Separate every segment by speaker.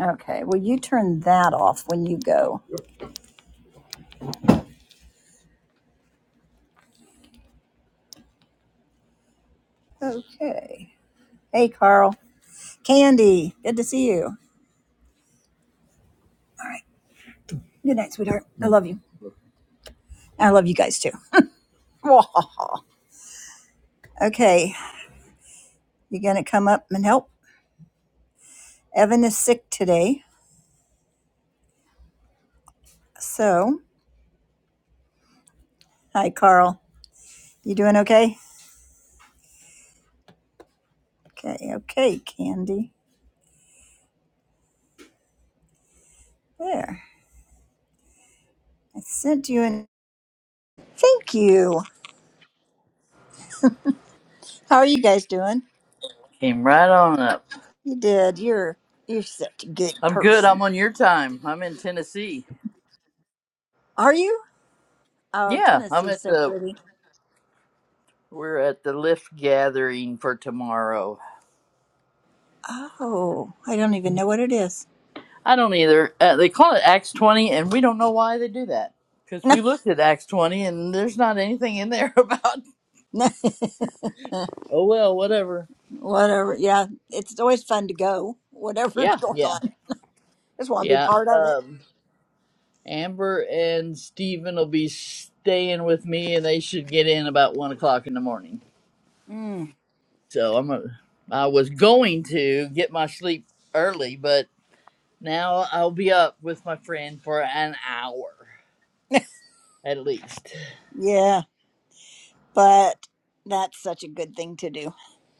Speaker 1: Okay, well, you turn that off when you go. Okay. Hey, Carl. Candy, good to see you. All right. Good night, sweetheart. I love you. I love you guys too. okay, you gonna come up and help? Evan is sick today. So, hi, Carl. You doing okay? Okay, okay, Candy. There. I sent you an thank you. How are you guys doing?
Speaker 2: Came right on up.
Speaker 1: You did. You're you're such a good
Speaker 2: I'm good. I'm
Speaker 1: person.
Speaker 2: on your time. I'm in Tennessee.
Speaker 1: Are you? Oh,
Speaker 2: Yeah, I'm
Speaker 1: Tennessee's
Speaker 2: at
Speaker 1: so
Speaker 2: the
Speaker 1: pretty.
Speaker 2: we're at the lift gathering for tomorrow.
Speaker 1: Oh, I don't even know what it is.
Speaker 2: I don't either. Uh, they call it Acts 20 and we don't know why they do that. Cuz we looked at Acts 20 and there's not anything in there about oh well, whatever.
Speaker 1: Whatever. Yeah, it's always fun to go. Whatever's
Speaker 2: Yeah,
Speaker 1: going
Speaker 2: yeah.
Speaker 1: on, just want to be
Speaker 2: Yeah.
Speaker 1: part of it.
Speaker 2: Um Amber and Steven will be staying with me and they should get in about 1 o'clock in the morning.
Speaker 1: Mm,
Speaker 2: So I'm a, I was going to get my sleep early, but Now I'll be up with my friend for an hour at least.
Speaker 1: yeah, but that's such a good thing to do.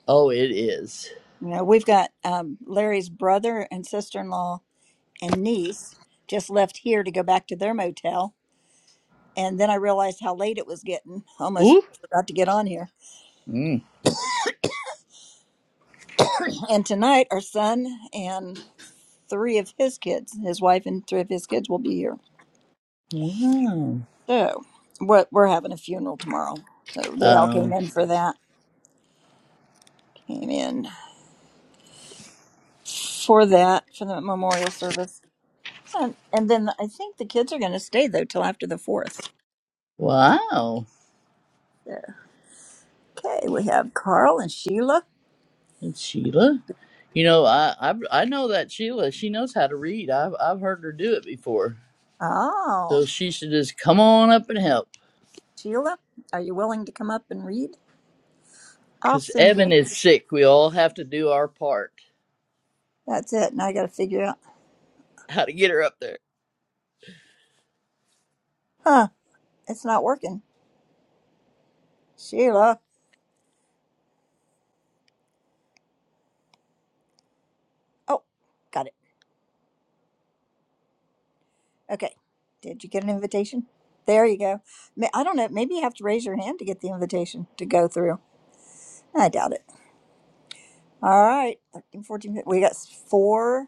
Speaker 2: Oh, it is.
Speaker 1: You know, we've got um, Larry's brother and sister-in-law and niece just left here to go back to their motel, and then I realized how late it was getting. Almost
Speaker 2: Ooh.
Speaker 1: forgot to get on here.
Speaker 2: Mm.
Speaker 1: and tonight, our son and three of his kids, his wife and three of his kids, will be here.
Speaker 2: Wow.
Speaker 1: So we're, we're having a funeral tomorrow. So they all came
Speaker 2: Um.
Speaker 1: in for that. Came in for that for the memorial service, and and then I think the kids are going to stay though till after the fourth.
Speaker 2: Wow.
Speaker 1: So, okay, we have Carl and Sheila.
Speaker 2: It's Sheila. You know, I, I I know that Sheila. She knows how to read. I've I've heard her do it before. So
Speaker 1: Oh,
Speaker 2: she should just come on up and help.
Speaker 1: Sheila, are you willing to come up and read? I'll
Speaker 2: Cause
Speaker 1: send you.
Speaker 2: Evan
Speaker 1: an-
Speaker 2: is sick. We all have to do our part.
Speaker 1: That's it. Now I got to figure out.
Speaker 2: How to get her up there?
Speaker 1: Huh? It's not working. Sheila. Oh, got it. Okay. Did you get an invitation? There you go. Ma- I don't know. Maybe you have to raise your hand to get the invitation to go through. I doubt it. All right. 13, fourteen, fifteen. We got four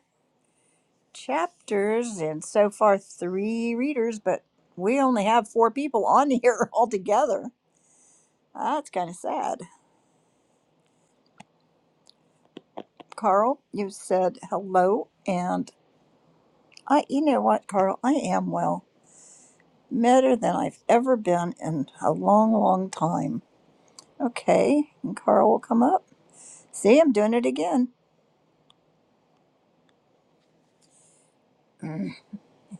Speaker 1: chapters and so far three readers, but we only have four people on here altogether. That's kind of sad. Carl, you said hello. And I, you know what, Carl? I am well. Better than I've ever been in a long, long time. Okay. And Carl will come up. See, I'm doing it again. Mm,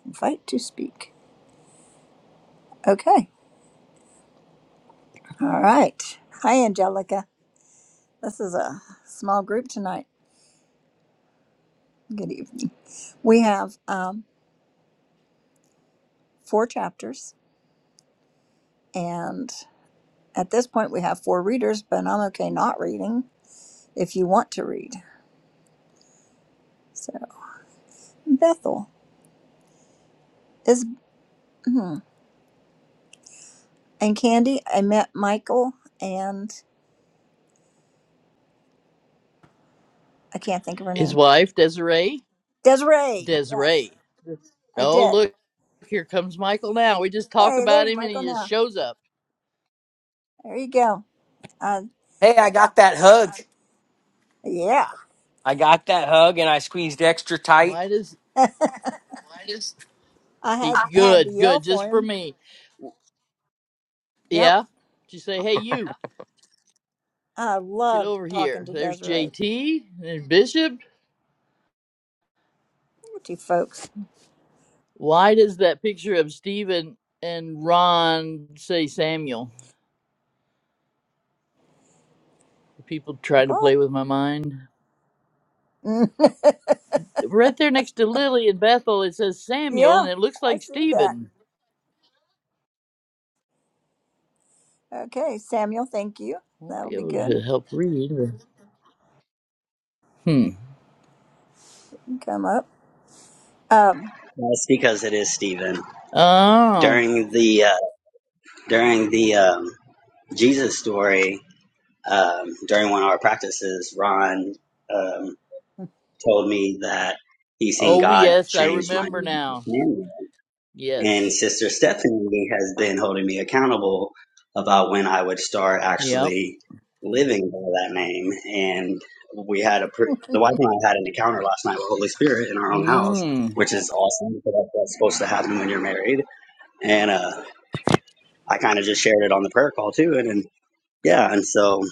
Speaker 1: Invite to speak. Okay. All right. Hi, Angelica. This is a small group tonight. Good evening. We have um, four chapters, and at this point, we have four readers, but I'm okay not reading if you want to read. So, Bethel is, hmm. and Candy, I met Michael, and I can't think of her
Speaker 2: His
Speaker 1: name.
Speaker 2: wife Desiree.
Speaker 1: Desiree. Yes,
Speaker 2: Desiree.
Speaker 1: I
Speaker 2: Oh,
Speaker 1: did.
Speaker 2: look, here comes Michael now. We just talk
Speaker 1: Hey,
Speaker 2: about
Speaker 1: there's
Speaker 2: him and
Speaker 1: Michael
Speaker 2: he just
Speaker 1: now.
Speaker 2: shows up.
Speaker 1: There you go. Uh,
Speaker 3: Hey, I got that hug.
Speaker 1: yeah.
Speaker 3: I got that hug and I squeezed extra tight.
Speaker 2: Why does
Speaker 1: I
Speaker 2: he?
Speaker 1: had had to
Speaker 2: Good,
Speaker 1: yell
Speaker 2: good,
Speaker 1: for
Speaker 2: just for
Speaker 1: him.
Speaker 2: me.
Speaker 1: Yep.
Speaker 2: Yeah. Just say, hey, you,
Speaker 1: I
Speaker 2: get
Speaker 1: loved
Speaker 2: over
Speaker 1: talking
Speaker 2: here.
Speaker 1: to
Speaker 2: There's
Speaker 1: Desiree.
Speaker 2: JT and Bishop.
Speaker 1: What you folks?
Speaker 2: Why does that picture of Steven and Ron say Samuel? People try to
Speaker 1: What?
Speaker 2: play with my mind.
Speaker 1: Mm.
Speaker 2: Right there next to Lily and Bethel, it says Samuel
Speaker 1: yeah,
Speaker 2: and it looks
Speaker 1: I
Speaker 2: like
Speaker 1: see that.
Speaker 2: Stephen.
Speaker 1: Okay, Samuel, thank you.
Speaker 2: Won't
Speaker 1: That'll
Speaker 2: be
Speaker 1: be
Speaker 2: able
Speaker 1: good.
Speaker 2: to help read. but- Hmm.
Speaker 1: You Come up. Um,
Speaker 4: That's because it is Stephen.
Speaker 2: Oh.
Speaker 4: During the uh, during the um, Jesus story, um, during one of our practices, Ron um, told me that he's seen
Speaker 2: Oh
Speaker 4: God
Speaker 2: yes, I
Speaker 4: change my
Speaker 2: remember
Speaker 4: name to
Speaker 2: now.
Speaker 4: Samuel,
Speaker 2: Yes.
Speaker 4: and Sister Stephanie has been holding me accountable about when I would start
Speaker 2: Yep.
Speaker 4: actually living by that name. And we had a pr- the wife and I had an encounter last night with Holy Spirit in our own house,
Speaker 2: Mm.
Speaker 4: which is awesome because that's what's supposed to happen when you're married and uh, I kind of just shared it on the prayer call too, and, and yeah, and so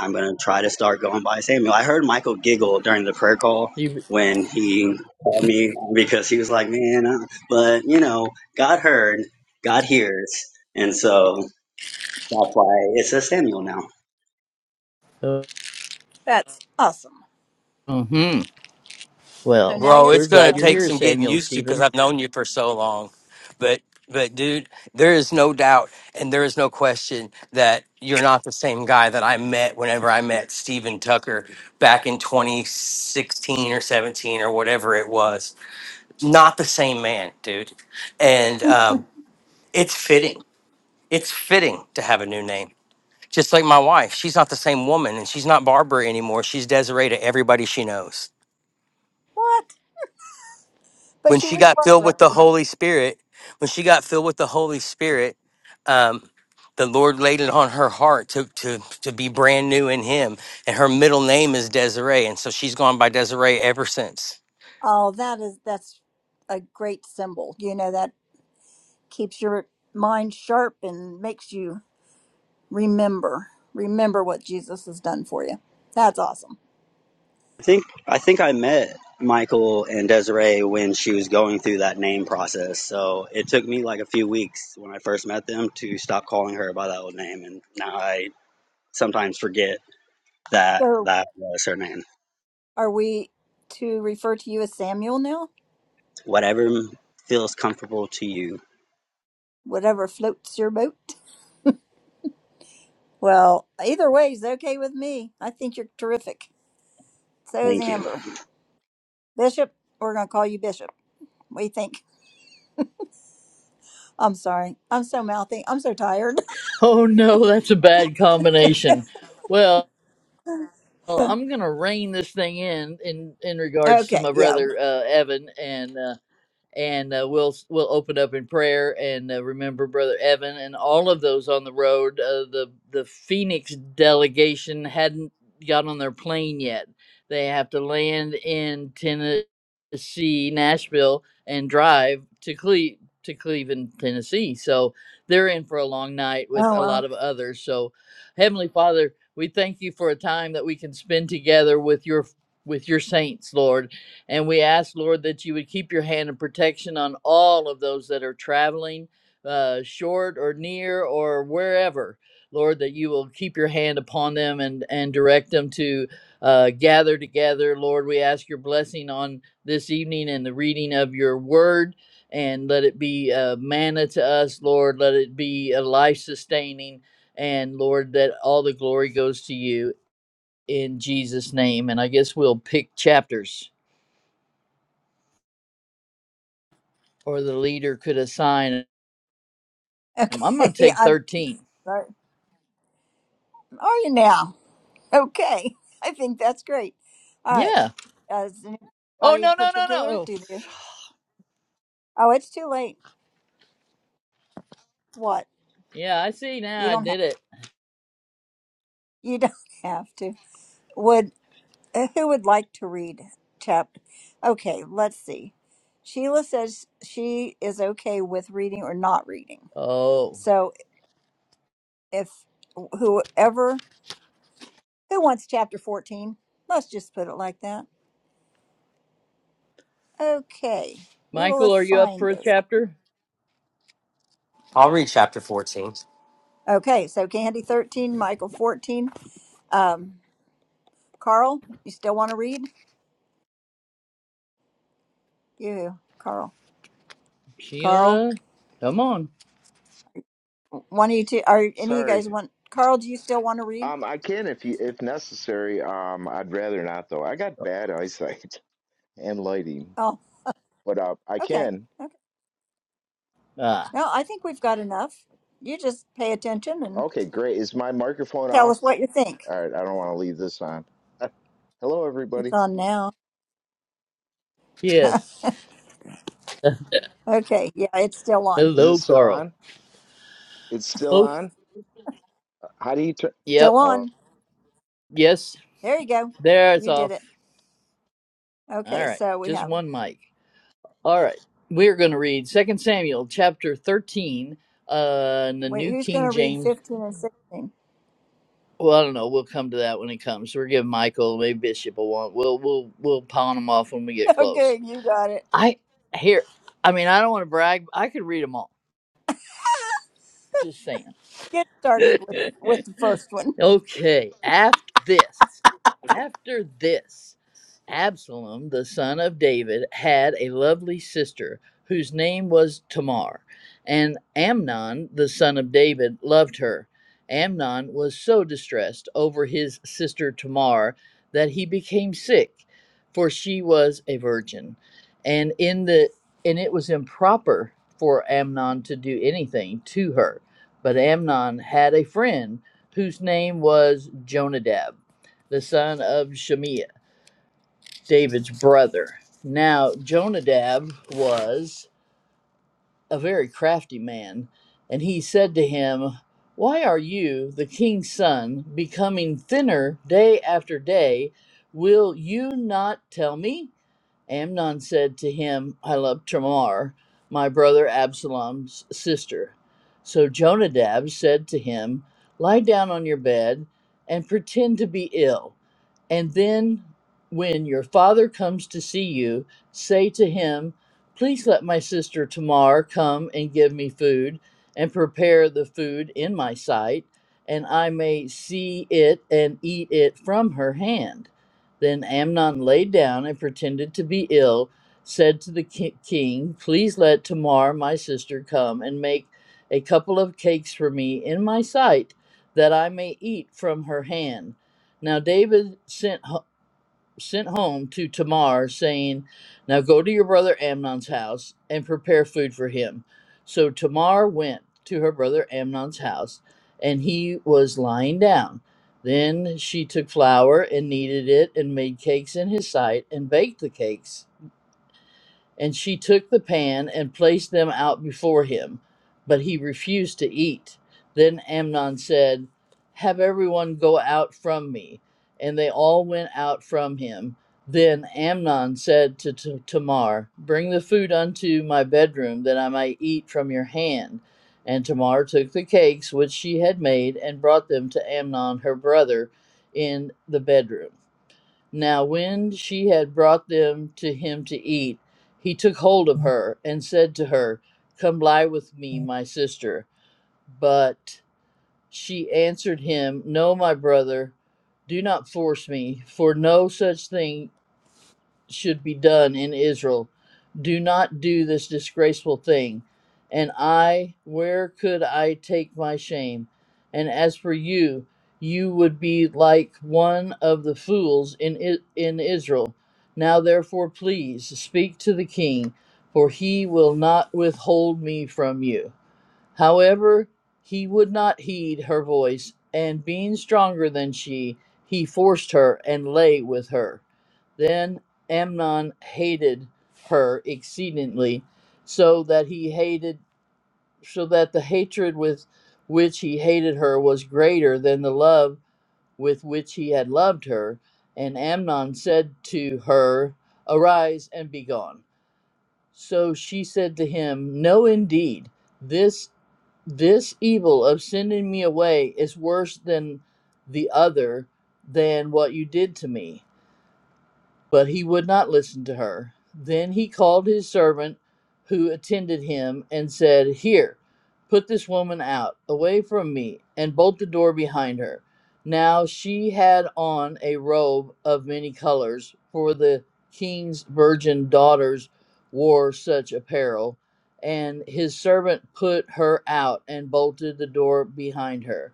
Speaker 4: I'm gonna try to start going by Samuel. I heard Michael giggle during the prayer call
Speaker 2: You,
Speaker 4: when he called me because he was like, "Man," uh, but you know, God heard, God hears, and so that's why it says Samuel now.
Speaker 2: uh,
Speaker 1: that's awesome.
Speaker 2: hmm
Speaker 1: So
Speaker 2: Well,
Speaker 1: now
Speaker 3: Bro,
Speaker 1: you're
Speaker 3: it's
Speaker 2: we're
Speaker 3: going to
Speaker 2: glad you're
Speaker 3: take
Speaker 2: here,
Speaker 3: some getting
Speaker 2: Samuel
Speaker 3: used to because
Speaker 2: Stephen.
Speaker 3: I've known you for so long. But, but dude, there is no doubt and there is no question that you're not the same guy that I met whenever I met Steven Tucker back in 2016 or 17 or whatever it was. Not the same man, dude. And um, it's fitting. It's fitting to have a new name Just like my wife, she's not the same woman and she's not Barbara anymore. She's Desiree to everybody she knows.
Speaker 1: what? But
Speaker 3: When
Speaker 1: she
Speaker 3: she
Speaker 1: was
Speaker 3: got filled with
Speaker 1: Barbara.
Speaker 3: the Holy Spirit, when she got filled with the Holy Spirit, um, the Lord laid it on her heart to, to, to be brand new in Him. And her middle name is Desiree. And so she's gone by Desiree ever since.
Speaker 1: Oh, that is that's a great symbol. You know that keeps your mind sharp and makes you remember remember what jesus has done for you that's awesome
Speaker 4: I think I think I met Michael and Desiree when she was going through that name process. So it took me like a few weeks when I first met them to stop calling her by that old name, and now I sometimes forget That
Speaker 1: so
Speaker 4: that was her name.
Speaker 1: are we to refer to you as samuel now
Speaker 4: Whatever m- feels comfortable to you.
Speaker 1: whatever floats your boat well either way is okay with me i think you're terrific so is
Speaker 4: Thank you.
Speaker 1: amber bishop we're going to call you bishop what do you think i'm sorry i'm so mouthy i'm so tired
Speaker 2: Oh no, that's a bad combination. Well, I'm gonna rein this thing in in in regards to
Speaker 1: okay
Speaker 2: my
Speaker 1: yeah
Speaker 2: brother uh, Evan, and uh, and uh, we'll we'll open up in prayer and uh, remember brother Evan and all of those on the road. Uh, the the Phoenix delegation hadn't got on their plane yet. They have to land in Tennessee, Nashville, and drive to Cle- to Cleveland, Tennessee. So they're in for a long night with
Speaker 1: oh
Speaker 2: a lot
Speaker 1: well
Speaker 2: of others. So, Heavenly Father, we thank you for a time that we can spend together with your with your saints, Lord and we ask, Lord, that you would keep your hand of protection on all of those that are traveling, uh, short or near or wherever. Lord, that you will keep your hand upon them and, and direct them to uh, gather together. Lord, we ask your blessing on this evening and the reading of your word. And let it be a manna to us, Lord. Let it be a life sustaining. And Lord, that all the glory goes to you in Jesus' name. And I guess we'll pick chapters. or the leader could assign him. I'm going to
Speaker 1: okay
Speaker 2: take
Speaker 1: i'm
Speaker 2: 13.
Speaker 1: sorry are you now Okay, I think that's great. All right.
Speaker 2: Yeah.
Speaker 1: Uh, is
Speaker 2: Oh,
Speaker 1: anybody
Speaker 2: no, no, no, no.
Speaker 1: particular?
Speaker 2: Oh,
Speaker 1: Do they? Oh, it's too late. What?
Speaker 2: yeah, I see now.
Speaker 1: You
Speaker 2: I
Speaker 1: don't have.
Speaker 2: did it.
Speaker 1: You don't have to. Would uh, who would like to read chapter? Okay, let's see. Sheila says she is okay with reading or not reading.
Speaker 2: Oh,
Speaker 1: So if whoever who wants chapter fourteen, let's just put it like that. Okay, we will
Speaker 2: Michael, are you up
Speaker 1: assign
Speaker 2: for a
Speaker 1: this.
Speaker 2: chapter?
Speaker 3: I'll read chapter 14.
Speaker 1: Okay, so Candy thirteen, Michael fourteen, Um, Carl, you still want to read? You, Carl. Carl,
Speaker 2: Sheila, come on.
Speaker 1: one of you two, are any of you
Speaker 5: Sorry.
Speaker 1: guys want, Carl, do you still want to read?
Speaker 5: Um, I can if you if necessary. Um, I'd rather not though. I got bad eyesight and lighting,
Speaker 1: Oh,
Speaker 5: but uh, I
Speaker 1: okay.
Speaker 5: can.
Speaker 1: Okay.
Speaker 2: Ah,
Speaker 1: No, I think we've got enough. You just pay attention and
Speaker 5: Okay, great. Is my microphone
Speaker 1: tell
Speaker 5: off?
Speaker 1: us what you think.
Speaker 5: All right. I don't want to leave this on. Hello,
Speaker 1: It's
Speaker 5: everybody.
Speaker 1: on now.
Speaker 2: yes.
Speaker 1: okay. Yeah, it's still on.
Speaker 5: Is it
Speaker 2: Hello,
Speaker 5: still
Speaker 2: Carl.
Speaker 5: on? It's still
Speaker 2: Oh,
Speaker 5: on. How do you turn?
Speaker 1: Still
Speaker 2: yep.
Speaker 5: Oh.
Speaker 1: on.
Speaker 2: Yes.
Speaker 1: There you go.
Speaker 2: There's
Speaker 1: You did
Speaker 2: off.
Speaker 1: it.
Speaker 2: All
Speaker 1: Okay.
Speaker 2: right.
Speaker 1: So we
Speaker 2: Just
Speaker 1: have,
Speaker 2: one mic. All right. We're going to read 2 Samuel chapter 13, uh, in the
Speaker 1: wait,
Speaker 2: New
Speaker 1: who's going
Speaker 2: King
Speaker 1: to read
Speaker 2: James
Speaker 1: 15 and 16?
Speaker 2: Well, I don't know. We'll come to that when it comes. We're giving Michael, maybe Bishop a one. We'll we'll we'll pawn them off when we get close.
Speaker 1: Okay. You got it.
Speaker 2: I here. I mean, I don't want to brag. but I could read them all. Just saying.
Speaker 1: Get started with, with the first one.
Speaker 2: okay, after this, after this, Absalom, the son of David, had a lovely sister whose name was Tamar, and Amnon, the son of David, loved her. Amnon was so distressed over his sister Tamar that he became sick, for she was a virgin. And in the and it was improper for Amnon to do anything to her. But Amnon had a friend whose name was Jonadab, the son of Shemiah, David's brother. Now, Jonadab was a very crafty man, and he said to him, Why are you, the king's son, becoming thinner day after day? Will you not tell me? Amnon said to him, I love Tamar, my brother Absalom's sister. So Jonadab said to him, Lie down on your bed and pretend to be ill. And then, when your father comes to see you, say to him, Please let my sister Tamar come and give me food and prepare the food in my sight, and I may see it and eat it from her hand. Then Amnon lay down and pretended to be ill, said to the ki- king, Please let Tamar, my sister, come and make a couple of cakes for me in my sight, that I may eat from her hand. Now David sent home sent home to Tamar, saying, Now go to your brother Amnon's house and prepare food for him. So Tamar went to her brother Amnon's house, and he was lying down. Then she took flour and kneaded it and made cakes in his sight and baked the cakes. And she took the pan and placed them out before him, but he refused to eat. Then Amnon said, Have everyone go out from me. And they all went out from him. Then Amnon said to T- Tamar, Bring the food unto my bedroom, that I may eat from your hand. And Tamar took the cakes which she had made and brought them to Amnon her brother in the bedroom. Now, when she had brought them to him to eat, he took hold of her and said to her, Come lie with me, my sister. But she answered him, No, my brother, do not force me, for no such thing should be done in Israel. Do not do this disgraceful thing. And I, where could I take my shame? And as for you, you would be like one of the fools in I- in Israel. Now therefore, please speak to the king, for he will not withhold me from you. However, he would not heed her voice, and being stronger than she, he forced her and lay with her. Then Amnon hated her exceedingly, so that he hated so that the hatred with which he hated her was greater than the love with which he had loved her. And Amnon said to her, Arise and be gone. So she said to him, No indeed, this this evil of sending me away is worse than the other than what you did to me. But he would not listen to her. Then he called his servant who attended him and said, Here, put this woman out, away from me, and bolt the door behind her. Now she had on a robe of many colors, for the king's virgin daughters wore such apparel. And his servant put her out and bolted the door behind her.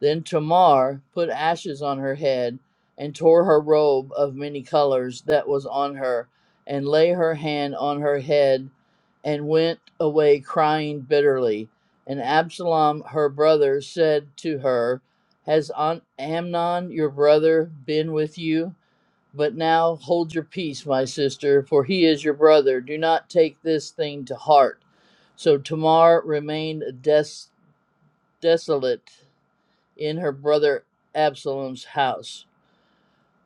Speaker 2: Then Tamar put ashes on her head and tore her robe of many colors that was on her, and lay her hand on her head, and went away crying bitterly. And Absalom her brother said to her, Has Am- Amnon your brother been with you? But now hold your peace, my sister, for he is your brother. Do not take this thing to heart. So Tamar remained des- desolate in her brother Absalom's house.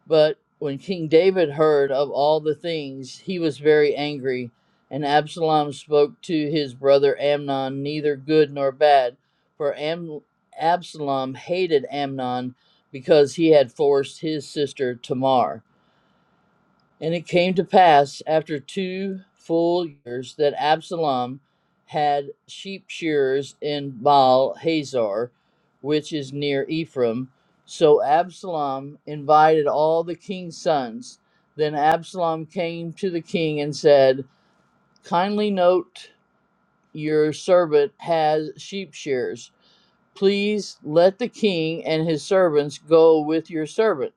Speaker 2: But when King David heard of all the things, he was very angry. And Absalom spoke to his brother Amnon, neither good nor bad, for Am- Absalom hated Amnon because he had forced his sister Tamar. And it came to pass after two full years that Absalom had sheep shearers in Baal Hazor, which is near Ephraim. So Absalom invited all the king's sons. Then Absalom came to the king and said, Kindly note your servant has sheep shears. Please let the king and his servants go with your servant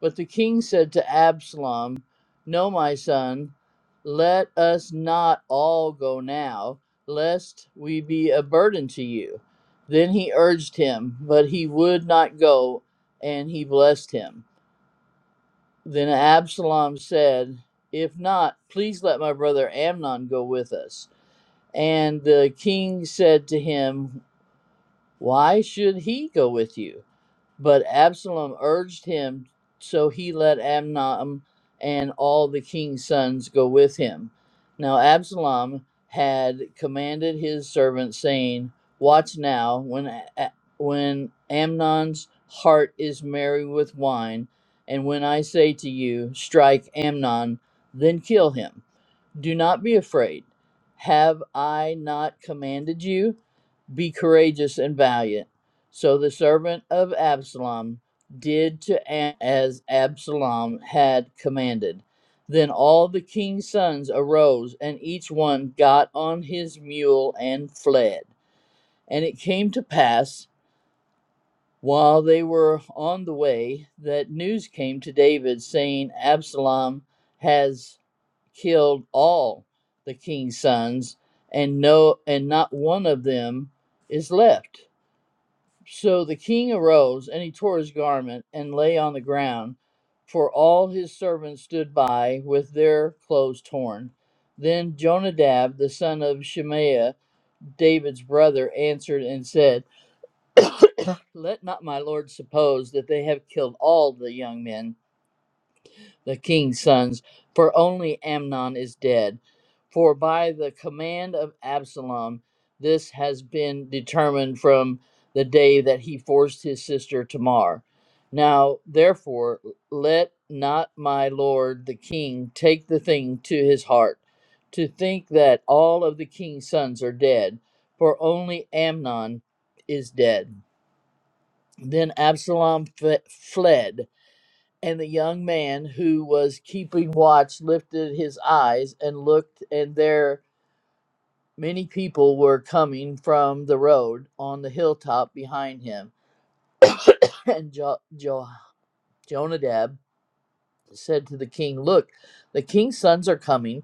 Speaker 2: but the king said to Absalom, No, my son, let us not all go now, lest we be a burden to you. Then he urged him, but he would not go, and he blessed him. Then Absalom said, If not, please let my brother Amnon go with us. And the king said to him, Why should he go with you? But Absalom urged him, so he let Amnon and all the king's sons go with him. Now Absalom had commanded his servants, saying, "Watch now, when A- when Amnon's heart is merry with wine, and when I say to you, strike Amnon, then kill him. Do not be afraid. Have I not commanded you?" Be courageous and valiant. So the servant of Absalom did to Am- as Absalom had commanded. Then all the king's sons arose, and each one got on his mule and fled. And it came to pass, while they were on the way, that news came to David, saying, Absalom has killed all the king's sons, and no and not one of them is left. So the king arose, and he tore his garment, and lay on the ground, for all his servants stood by with their clothes torn. Then Jonadab, the son of Shemaiah, David's brother, answered and said, Let not my lord suppose that they have killed all the young men the king's sons, for only Amnon is dead. For by the command of Absalom, this has been determined from the day that he forced his sister Tamar. Now, therefore, let not my lord the king take the thing to his heart, to think that all of the king's sons are dead, for only Amnon is dead. Then Absalom fe- fled and the young man who was keeping watch lifted his eyes and looked, and there many people were coming from the road on the hilltop behind him. And jo- jo- Jonadab said to the king, Look, the king's sons are coming,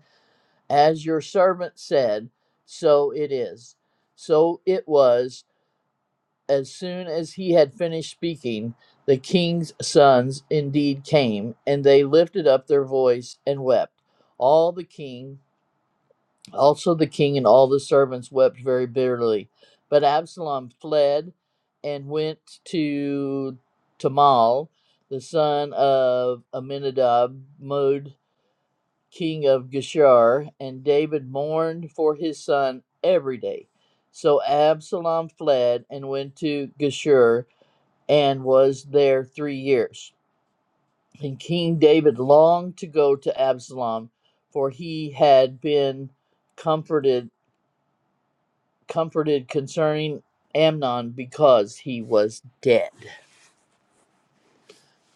Speaker 2: as your servant said, so it is. So it was As soon as he had finished speaking, the king's sons indeed came, and they lifted up their voice and wept. All the king, also the king and all the servants wept very bitterly. But Absalom fled and went to Tamal, the son of Aminadab, Mod, king of Geshur, and David mourned for his son every day. So Absalom fled and went to Geshur, and was there three years. And King David longed to go to Absalom, for he had been comforted comforted concerning Amnon because he was dead.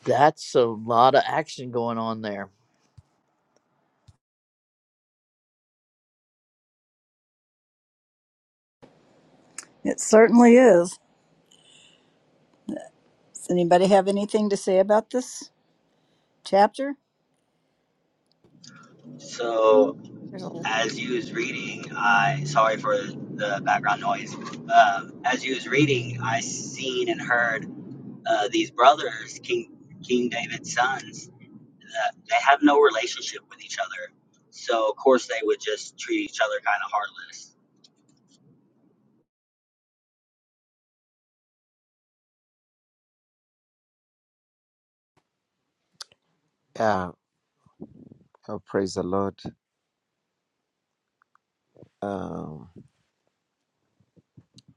Speaker 2: That's a lot of action going on there.
Speaker 1: It certainly is. Does anybody have anything to say about this chapter?
Speaker 4: So
Speaker 1: There's a-
Speaker 4: as you was reading, I sorry for the background noise. Um, as you was reading, I seen and heard uh, these brothers, King King David's sons. That they have no relationship with each other, so of course they would just treat each other kind of heartless.
Speaker 6: Yeah, oh, praise the Lord. Um,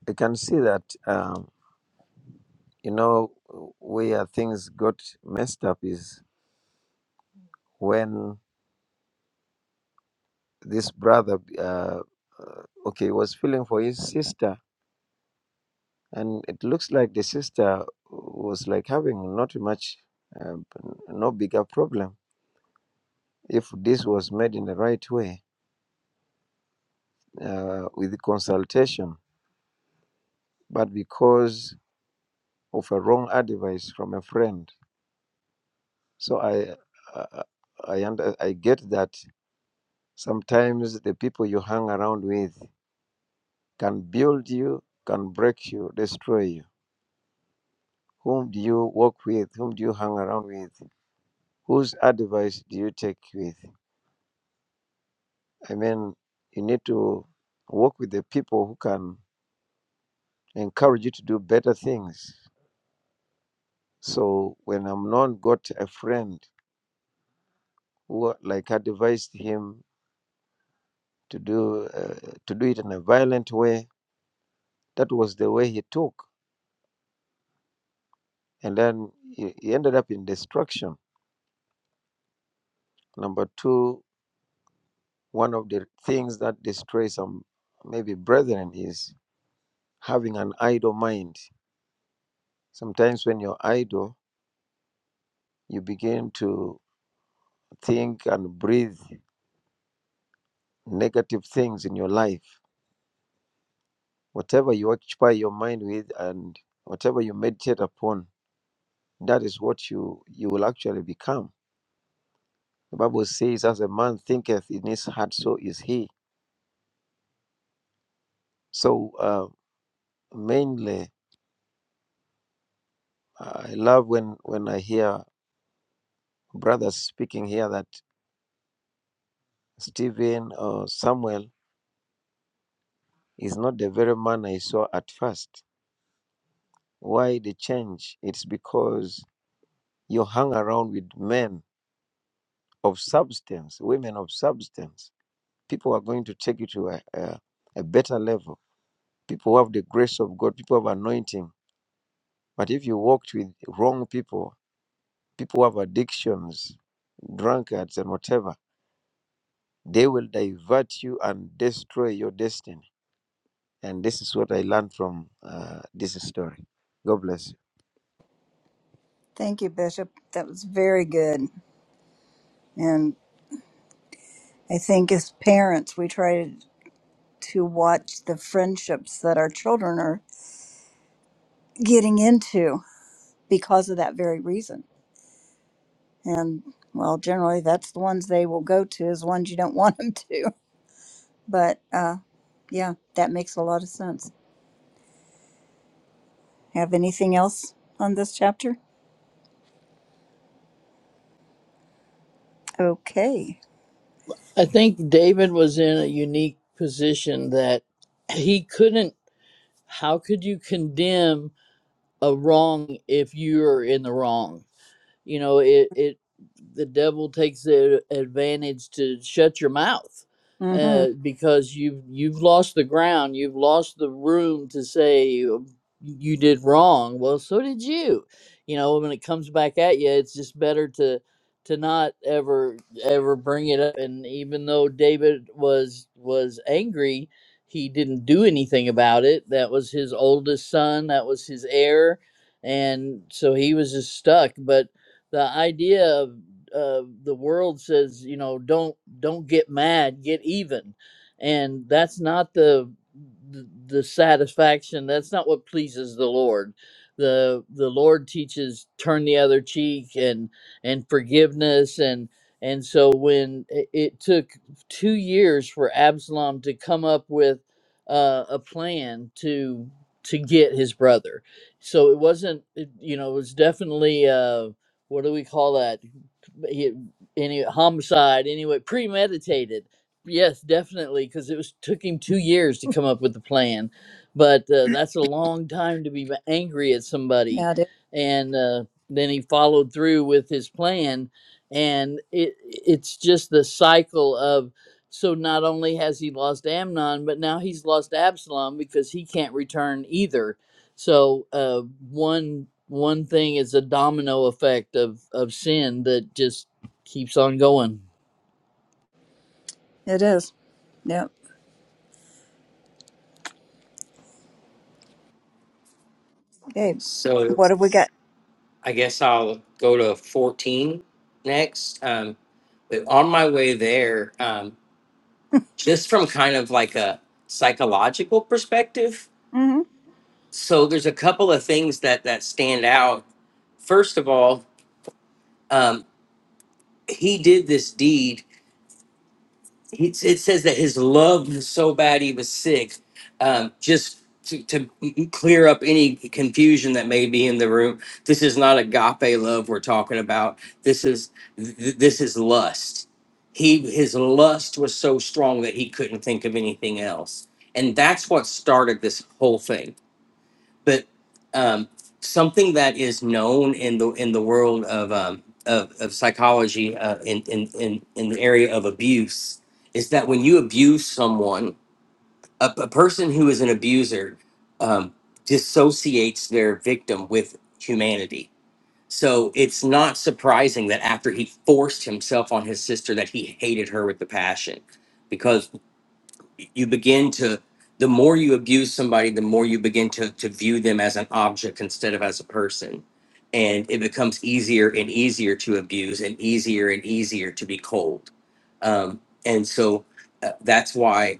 Speaker 6: I can see that, um, you know, where things got messed up is when this brother, uh, uh, okay, was feeling for his sister. And it looks like the sister was like having not much, uh, no bigger problem if this was made in the right way uh, with consultation, but because of a wrong advice from a friend. So I I I, under, I get that sometimes the people you hang around with can build you, can break you, destroy you. Whom do you work with? Whom do you hang around with? Whose advice do you take with? I mean, you need to work with the people who can encourage you to do better things. So when Amnon got a friend who like advised him to do uh, to do it in a violent way, that was the way he took and then he he ended up in destruction. Number two, one of the things that destroys some maybe brethren is having an idle mind. Sometimes when you're idle, you begin to think and breathe negative things in your life. Whatever you occupy your mind with and whatever you meditate upon, that is what you you will actually become. The Bible says, "As a man thinketh in his heart, so is he." So uh, mainly I love when, when I hear brothers speaking here that Stephen or Samuel is not the very man I saw at first. Why the change? It's because you hang around with men of substance, women of substance. People are going to take you to a, a, a better level. People who have the grace of God, people who have anointing. But if you walked with wrong people, people who have addictions, drunkards, and whatever, they will divert you and destroy your destiny And this is what I learned from uh, this story. God bless you.
Speaker 1: Thank you, Bishop. That was very good. And I think as parents, we try to watch the friendships that our children are getting into because of that very reason. And well, generally, that's the ones they will go to, is ones you don't want them to. But uh, yeah, that makes a lot of sense. Have anything else on this chapter? Okay.
Speaker 2: I think David was in a unique position that he couldn't how could you condemn a wrong if you're in the wrong? you know it it the devil takes the advantage to shut your mouth
Speaker 1: Mm-hmm.
Speaker 2: uh, because you've you've lost the ground you've lost the room to say you you did wrong well so did you you know when it comes back at you it's just better to to not ever ever bring it up and even though david was was angry he didn't do anything about it that was his oldest son that was his heir and so he was just stuck but the idea of uh, the world says you know don't don't get mad get even and that's not the the the satisfaction that's not what pleases the lord the the lord teaches turn the other cheek and and forgiveness and and so when it, it took two years for absalom to come up with uh, a plan to to get his brother so it wasn't it, you know it was definitely uh, what do we call that? He, any homicide, anyway, premeditated. Yes, definitely, because it was took him two years to come up with the plan, but uh, that's a long time to be angry at somebody,
Speaker 1: Yeah, it is.
Speaker 2: and uh, then he followed through with his plan, and it it's just the cycle of. So not only has he lost Amnon, but now he's lost Absalom because he can't return either so uh, one one thing is a domino effect of of sin that just keeps on going.
Speaker 1: It is. Yep. Okay.
Speaker 3: So,
Speaker 1: What have we got?
Speaker 3: I guess I'll go to 14 next. Um, but on my way there, um, just from kind of like a psychological perspective,
Speaker 1: hmm
Speaker 3: so there's a couple of things that that stand out. First of all, um, he did this deed he, it says that his love was so bad he was sick um, just to, to clear up any confusion that may be in the room this is not agape love we're talking about this is th- this is lust he his lust was so strong that he couldn't think of anything else and that's what started this whole thing but um, something that is known in the in the world of um, of, of psychology uh, in, in in in the area of abuse is that when you abuse someone, a, a person who is an abuser um, dissociates their victim with humanity. So it's not surprising that after he forced himself on his sister, that he hated her with the passion, you begin to the more you abuse somebody the more you begin to to view them as an object instead of as a person and it becomes easier and easier to abuse and easier and easier to be cold um, and so uh, that's why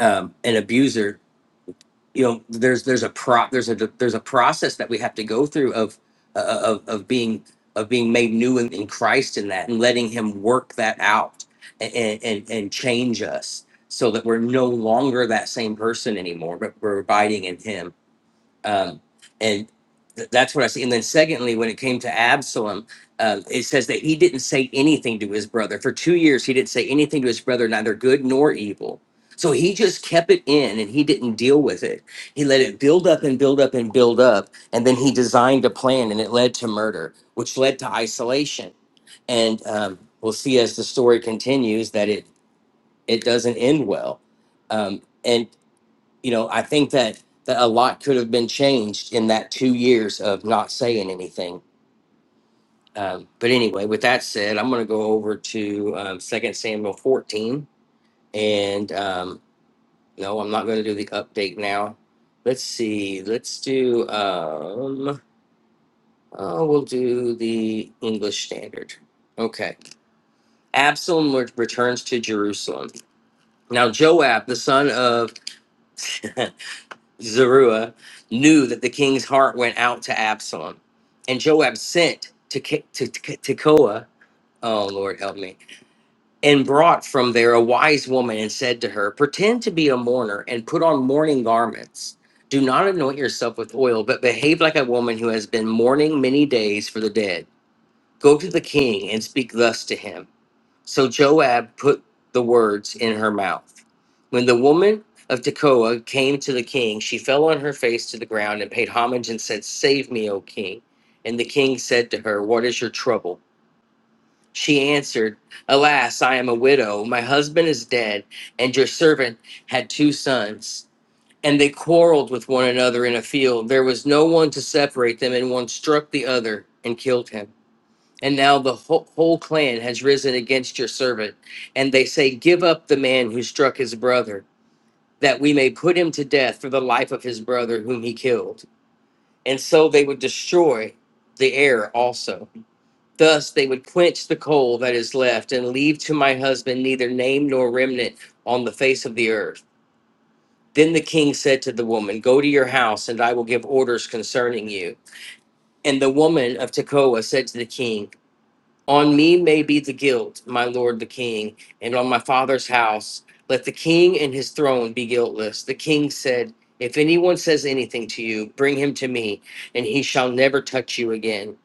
Speaker 3: um, an abuser you know there's there's a pro there's a there's a process that we have to go through of uh, of of being of being made new in, in Christ in that and letting him work that out and, and and change us so that we're no longer that same person anymore but we're abiding in him um, and th- that's what I see. And then secondly, when it came to Absalom, um, it says that he didn't say anything to his brother for two years. He didn't say anything to his brother, neither good nor evil. So he just kept it in, and he didn't deal with it. He let it build up and build up and build up, and then he designed a plan, and it led to murder, which led to isolation. And um, we'll see as the story continues that it it doesn't end well. Um, and you know, I think that, that a lot could have been changed in that two years of not saying anything. Um, but anyway, with that said, I'm going to go over to um, 2 Samuel 14. And um, no, I'm not going to do the update now. Let's see. Let's do, um, oh, we'll do the English Standard. Okay. Absalom re- returns to Jerusalem. Now, Joab, the son of Zeruiah knew that the king's heart went out to Absalom, and Joab sent to Ki- to to Tekoa. Oh Lord, help me! And brought from there a wise woman and said to her, "Pretend to be a mourner and put on mourning garments. Do not anoint yourself with oil, but behave like a woman who has been mourning many days for the dead. Go to the king and speak thus to him." So Joab put the words in her mouth. When the woman of Tekoa came to the king, she fell on her face to the ground and paid homage and said, Save me, O king. And the king said to her, What is your trouble? She answered, Alas, I am a widow. My husband is dead, and your servant had two sons. And they quarreled with one another in a field. There was no one to separate them, and one struck the other and killed him. And now the whole, whole clan has risen against your servant. And they say, Give up the man who struck his brother, that we may put him to death for the life of his brother whom he killed. And so they would destroy the heir also. Thus they would quench the coal that is left and leave to my husband neither name nor remnant on the face of the earth. Then the king said to the woman, Go to your house, and I will give orders concerning you. And the woman of Tekoa said to the king, On me may be the guilt, my lord the king, and on my father's house. Let the king and his throne be guiltless. The king said, If anyone says anything to you, bring him to me, and he shall never touch you again.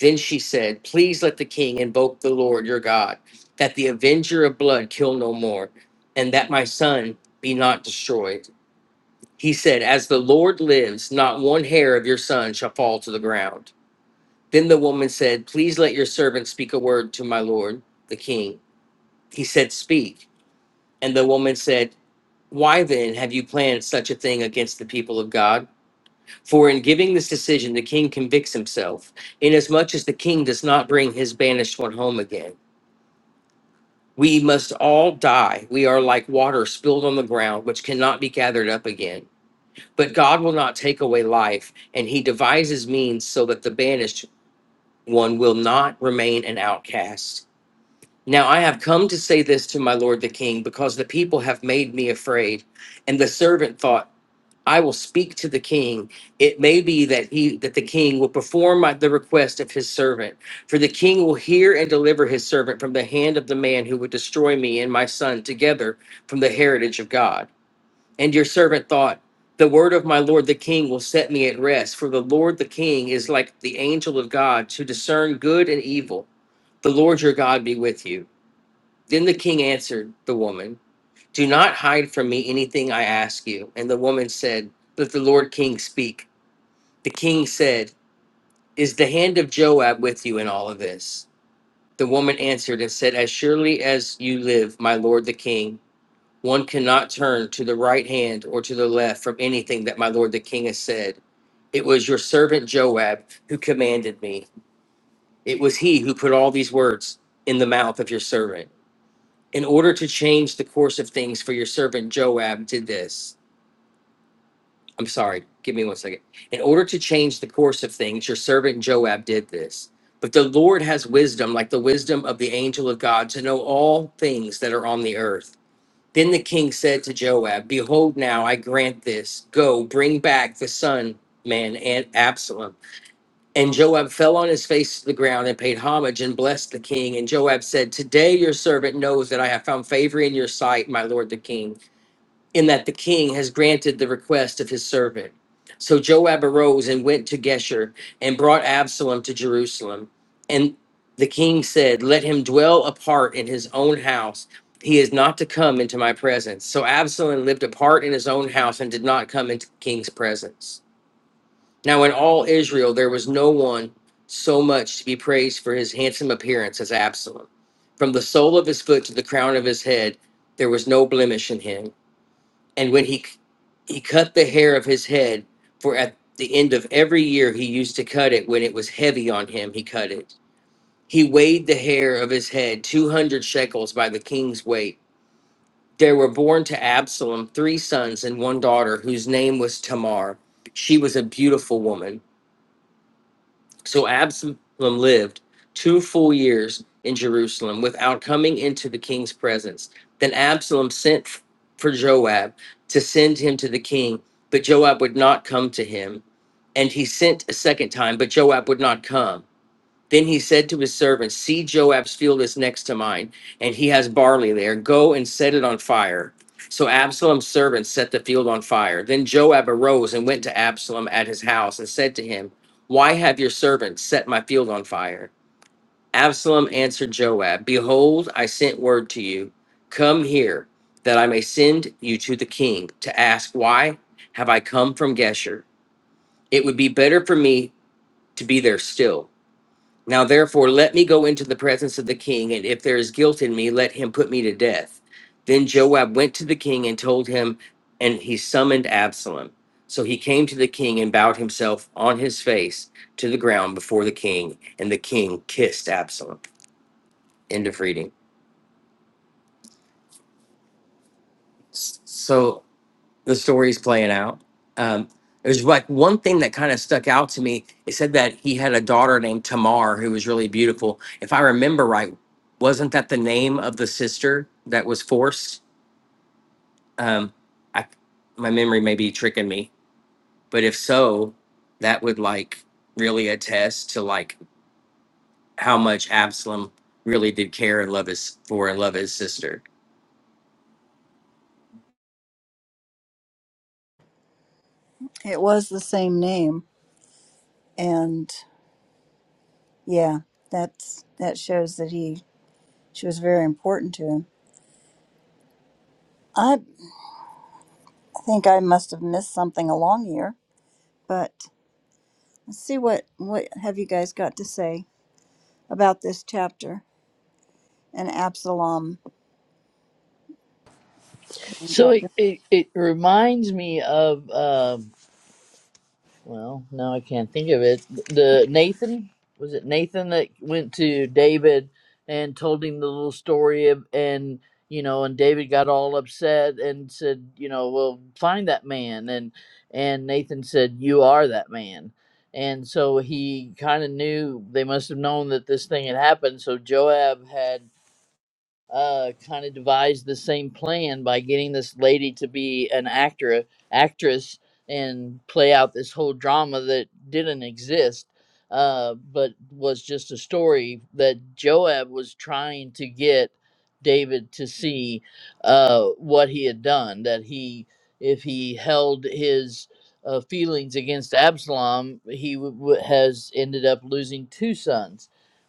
Speaker 3: Then she said, Please let the king invoke the Lord your God, that the avenger of blood kill no more, and that my son be not destroyed. He said, As the Lord lives, not one hair of your son shall fall to the ground. Then the woman said, Please let your servant speak a word to my lord, the king. He said, Speak. And the woman said, Why then have you planned such a thing against the people of God? For in giving this decision, the king convicts himself, inasmuch as the king does not bring his banished one home again. We must all die. We are like water spilled on the ground, which cannot be gathered up again. But God will not take away life, and he devises means so that the banished one will not remain an outcast Now I have come to say this to my lord the king, because the people have made me afraid. And the servant thought, I will speak to the king. It may be that he that the king will perform my, the request of his servant. For the king will hear and deliver his servant from the hand of the man who would destroy me and my son together from the heritage of God. And your servant thought, the word of my lord the king will set me at rest, for the Lord the king is like the angel of God to discern good and evil. The Lord your God be with you. Then the king answered the woman, Do not hide from me anything I ask you. And the woman said, Let the Lord King speak. The king said, Is the hand of Joab with you in all of this? The woman answered and said, As surely as you live, my lord the king, one cannot turn to the right hand or to the left from anything that my lord the king has said. It was your servant Joab who commanded me. It was he who put all these words in the mouth of your servant. in order to change the course of things for your servant Joab did this. I'm sorry, give me one second. In order to change the course of things, your servant Joab did this. But the Lord has wisdom, like the wisdom of the angel of God, to know all things that are on the earth. Then the king said to Joab, Behold, now I grant this. Go, bring back the son, man, and Absalom. And Joab fell on his face to the ground and paid homage and blessed the king. And Joab said, Today your servant knows that I have found favor in your sight, my lord the king, in that the king has granted the request of his servant. So Joab arose and went to Geshur and brought Absalom to Jerusalem. And the king said, Let him dwell apart in his own house. He is not to come into my presence. So Absalom lived apart in his own house and did not come into the king's presence. Now, in all Israel, there was no one so much to be praised for his handsome appearance as Absalom. From the sole of his foot to the crown of his head, there was no blemish in him. And when he he cut the hair of his head, for at the end of every year he used to cut it when it was heavy on him, he cut it. He weighed the hair of his head two hundred shekels by the king's weight. There were born to Absalom three sons and one daughter, whose name was Tamar. She was a beautiful woman So Absalom lived two full years in Jerusalem without coming into the king's presence. Then Absalom sent for Joab to send him to the king, but Joab would not come to him. And he sent a second time, but Joab would not come. Then he said to his servants, See, Joab's field is next to mine, and he has barley there. Go and set it on fire. So Absalom's servants set the field on fire. Then Joab arose and went to Absalom at his house and said to him, Why have your servants set my field on fire? Absalom answered Joab, Behold, I sent word to you, Come here, that I may send you to the king to ask, Why have I come from Geshur? It would be better for me to be there still now, therefore, let me go into the presence of the king, and if there is guilt in me, let him put me to death. Then Joab went to the king and told him, and he summoned Absalom. So he came to the king and bowed himself on his face to the ground before the king, and the king kissed Absalom. End of reading. S- So the stories playing out. Um, there's like one thing that kind of stuck out to me. It said that he had a daughter named Tamar who was really beautiful. If I remember right, wasn't that the name of the sister that was forced? Um, I, my memory may be tricking me, but if so, that would like really attest to like how much Absalom really did care and love his for and love his sister
Speaker 1: It was the same name, and yeah, that's that shows that he she was very important to him. I think I must have missed something along here, but let's see what what have you guys got to say about this chapter and Absalom being
Speaker 2: So
Speaker 1: dropped.
Speaker 2: it it, it reminds me of. um Well, now I can't think of it. The Nathan was it Nathan that went to David and told him the little story of and you know and David got all upset and said you know well find that man and and Nathan said you are that man and so he kind of knew they must have known that this thing had happened so Joab had uh, kind of devised the same plan by getting this lady to be an actor, actress, and play out this whole drama that didn't exist, uh, but was just a story that Joab was trying to get David to see uh, what he had done. That he, if he held his uh, feelings against Absalom, he w- w- has ended up losing two sons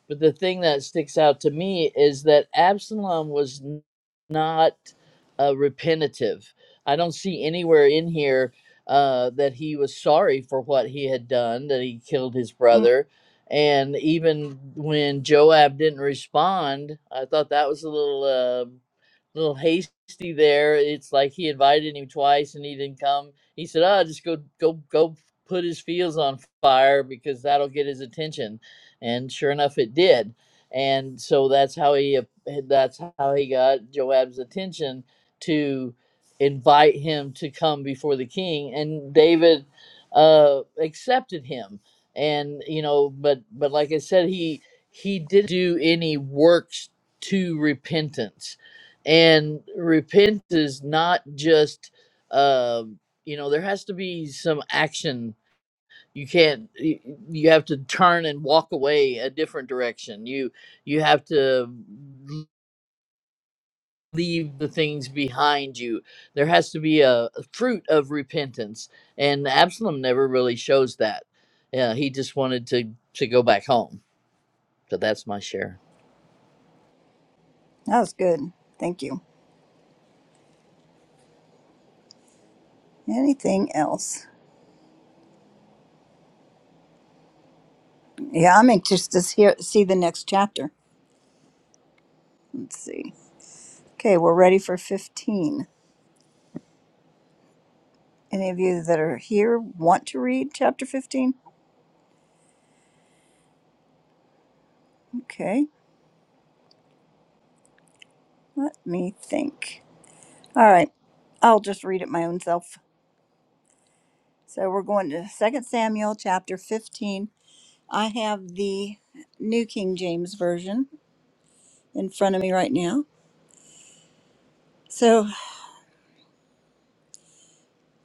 Speaker 2: but the thing that sticks out to me is that Absalom was n- not uh, repentative. I don't see anywhere in here uh, that he was sorry for what he had done, that he killed his
Speaker 1: down.
Speaker 2: brother. And even when Joab didn't respond, I thought that was a little uh, little hasty there. It's like he invited him twice and he didn't come. He said, "Oh, just go go go put his fields on fire because that'll get his attention." and sure enough, it did. And so that's how he that's how he got Joab's attention to invite him to come before the king, and David uh, accepted him. And you know, but but like I said, he he didn't do any works to repentance, and repentance is not just. Uh, you know, there has to be some action you can't you, have to turn and walk away a different direction you you have to leave the things behind you there has to be a, a fruit of repentance and absalom never really shows that yeah he just wanted to to go back home so that's my share
Speaker 1: That was good. Thank you. Anything else? Yeah, I'm anxious to hear, see the next chapter. Let's see. Okay, we're ready for 15. Any of you that are here want to read chapter 15? Okay, let me think. All right, I'll just read it my own self. So we're going to Second Samuel chapter 15. I have the New King James Version in front of me right now. So.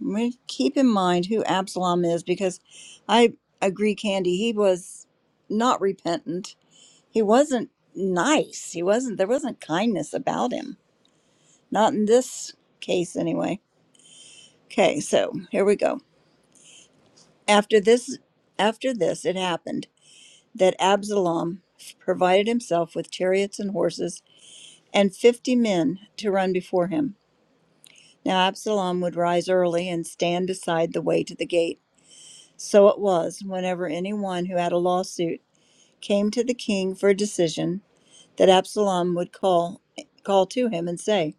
Speaker 1: We keep in mind who Absalom is because I agree, Candy, he was not repentant. He wasn't nice. He wasn't, there wasn't kindness about him. Not in this case, anyway. Okay, so here we go. After this, after this, it happened that Absalom provided himself with chariots and horses and 50 men to run before him. Now Absalom would rise early and stand beside the way to the gate So it was whenever any one who had a lawsuit came to the king for a decision that Absalom would call call to him and say,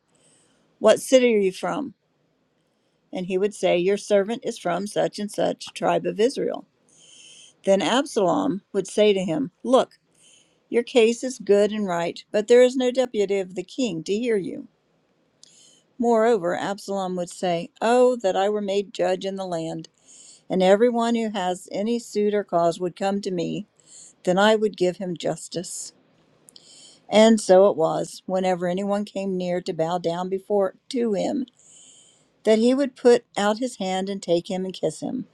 Speaker 1: "What city are you from?" And he would say, "Your servant is from such and such tribe of Israel." Then Absalom would say to him, "Look, your case is good and right, but there is no deputy of the king to hear you." Moreover, Absalom would say, "Oh, that I were made judge in the land, and everyone who has any suit or cause would come to me, then I would give him justice. And so it was, whenever anyone came near to bow down before to him, that he would put out his hand and take him and kiss him.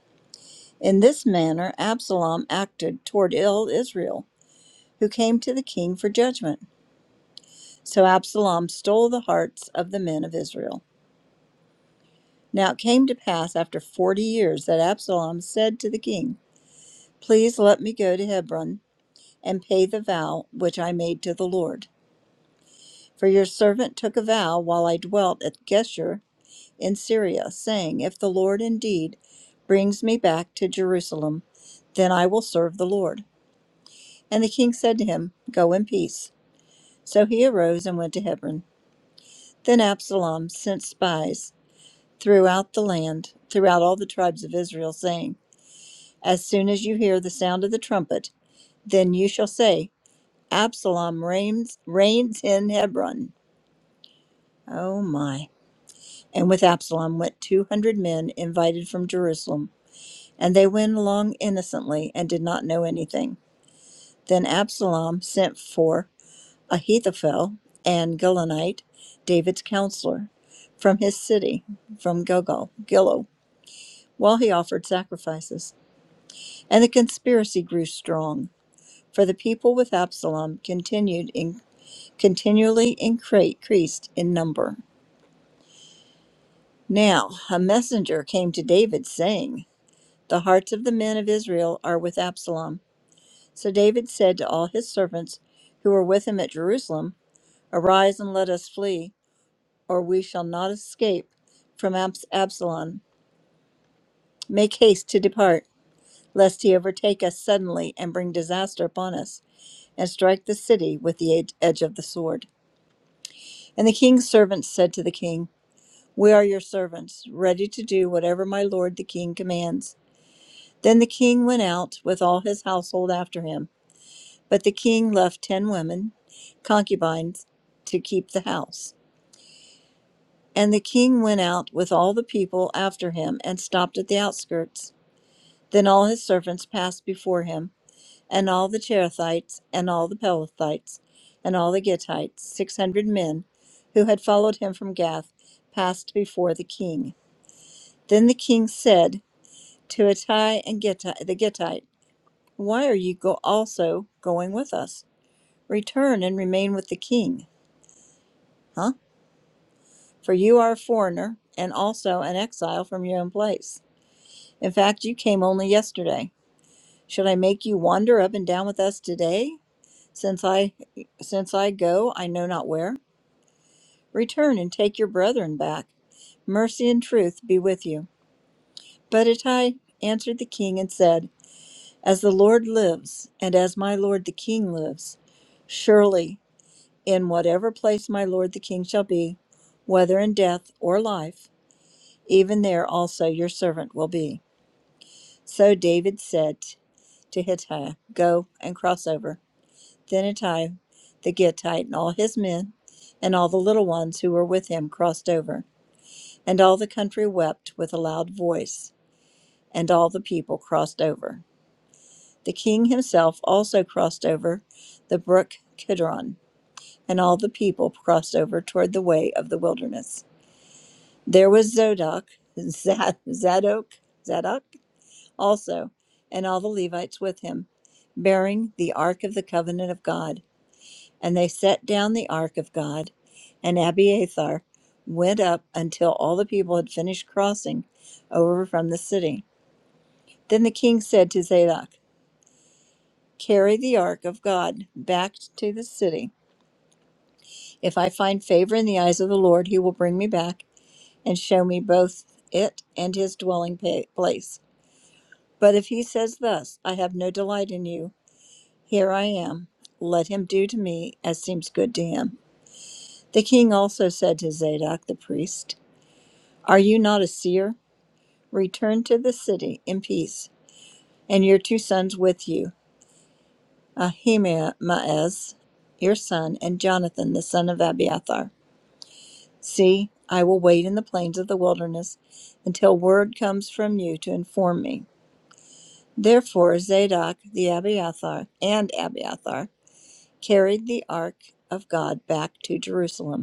Speaker 1: In this manner Absalom acted toward ill Israel, who came to the king for judgment. So Absalom stole the hearts of the men of Israel. Now it came to pass after forty years that Absalom said to the king, Please let me go to Hebron and pay the vow which I made to the Lord. For your servant took a vow while I dwelt at Geshur in Syria, saying, If the Lord indeed brings me back to Jerusalem, then I will serve the Lord. And the king said to him, Go in peace. So he arose and went to Hebron. Then Absalom sent spies throughout the land, throughout all the tribes of Israel, saying, As soon as you hear the sound of the trumpet, then you shall say, Absalom reigns, reigns in Hebron. Oh my. and with Absalom went two hundred men invited from Jerusalem. And they went along innocently and did not know anything. Then Absalom sent for Ahithophel and Gilonite, David's counselor, from his city, from Gilgal, Gilo, while he offered sacrifices. And the conspiracy grew strong, for the people with Absalom continued in, continually incre- increased in number. Now a messenger came to David, saying, The hearts of the men of Israel are with Absalom. So David said to all his servants who were with him at Jerusalem, Arise and let us flee, or we shall not escape from Abs- Absalom. Make haste to depart, lest he overtake us suddenly and bring disaster upon us, and strike the city with the ed- edge of the sword. And the king's servants said to the king, We are your servants, ready to do whatever my lord the king commands. Then the king went out with all his household after him. But the king left ten women, concubines, to keep the house. And the king went out with all the people after him and stopped at the outskirts. Then all his servants passed before him, and all the Cherethites, and all the Pelethites, and all the Gittites, six hundred men, who had followed him from Gath, passed before the king. Then the king said to Ittai and Gitti, the Gittite, Why are you go- also going with us? Return and remain with the king. Huh? for you are a foreigner and also an exile from your own place. In fact, you came only yesterday. Should I make you wander up and down with us today? Since I since I go, I know not where. Return and take your brethren back. Mercy and truth be with you. But Ittai answered the king and said, As the Lord lives, and as my lord the king lives, surely in whatever place my lord the king shall be, whether in death or life, Even there also your servant will be. So David said to Hittai, Go and cross over. Then Hittai the Gittite and all his men and all the little ones who were with him crossed over. And all the country wept with a loud voice, and all the people crossed over. The king himself also crossed over the brook Kidron, and all the people crossed over toward the way of the wilderness. There was Zodok, Zadok, Zadok, also, and all the Levites with him, bearing the ark of the covenant of God. And they set down the ark of God, and Abiathar went up until all the people had finished crossing over from the city. Then the king said to Zadok, Carry the ark of God back to the city. If I find favor in the eyes of the Lord, he will bring me back and show me both it and his dwelling pa- place. But if he says thus, I have no delight in you, Here I am. Let him do to me as seems good to him. The king also said to Zadok the priest, Are you not a seer? Return to the city in peace, and your two sons with you, Ahimaaz, your son, and Jonathan, the son of Abiathar. See, I will wait in the plains of the wilderness until word comes from you to inform me. Therefore Zadok the Abiathar and Abiathar carried the ark of God back to Jerusalem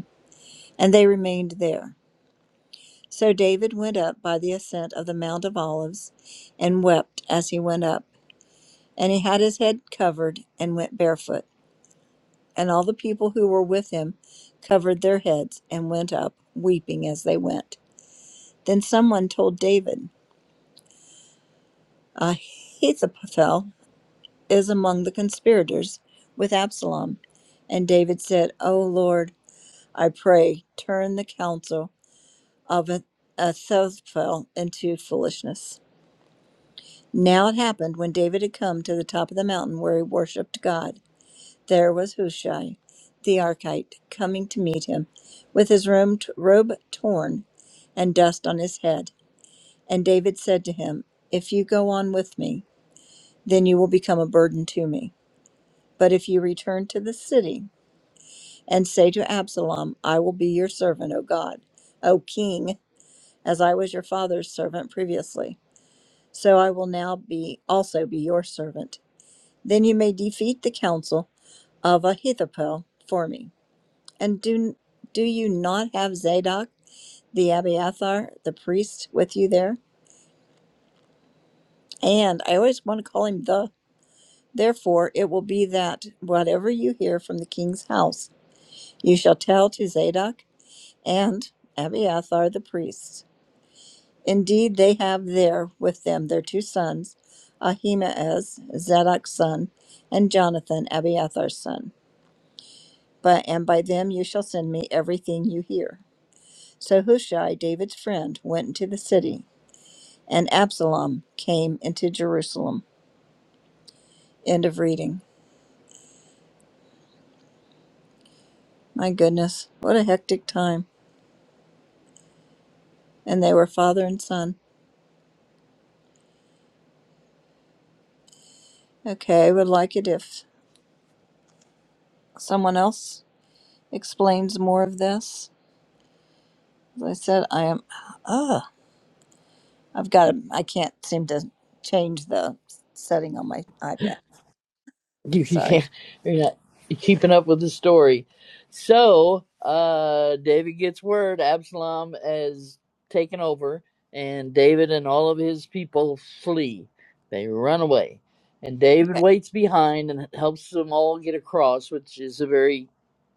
Speaker 1: And they remained there. So David went up by the ascent of the Mount of Olives and wept as he went up. And he had his head covered and went barefoot. And all the people who were with him covered their heads and went up, weeping as they went. Then someone told David, Ahithophel is among the conspirators with Absalom. And David said, O Lord, I pray, turn the counsel of Ahithophel into foolishness. Now it happened when David had come to the top of the mountain where he worshipped God, there was Hushai the Archite coming to meet him, with his room robe torn and dust on his head. And David said to him, If you go on with me, then you will become a burden to me. But if you return to the city and say to Absalom, 'I will be your servant, O God, O king, as I was your father's servant previously, so I will now be also be your servant. Then you may defeat the counsel of Ahithophel for me. And do do you not have Zadok the Abiathar, the priest, with you there? And I always want to call him the. Therefore, it will be that whatever you hear from the king's house, you shall tell to Zadok and Abiathar the priests. Indeed, they have there with them their two sons, Ahimaaz, Zadok's son, and Jonathan, Abiathar's son. but and by them you shall send me everything you hear. So Hushai, David's friend, went into the city, and Absalom came into Jerusalem. End of reading. My goodness, what a hectic time. And they were father and son. Okay, I would like it if someone else explains more of this. As I said, I am, ugh, I've got to, I can't seem to change the setting on my iPad.
Speaker 2: You, you
Speaker 1: Sorry.
Speaker 2: can't. You're not you are not keeping up with the story. So uh, David gets word Absalom has taken over, and David and all of his people flee. They run away, and David
Speaker 1: Okay.
Speaker 2: waits behind and helps them all get across, which is a very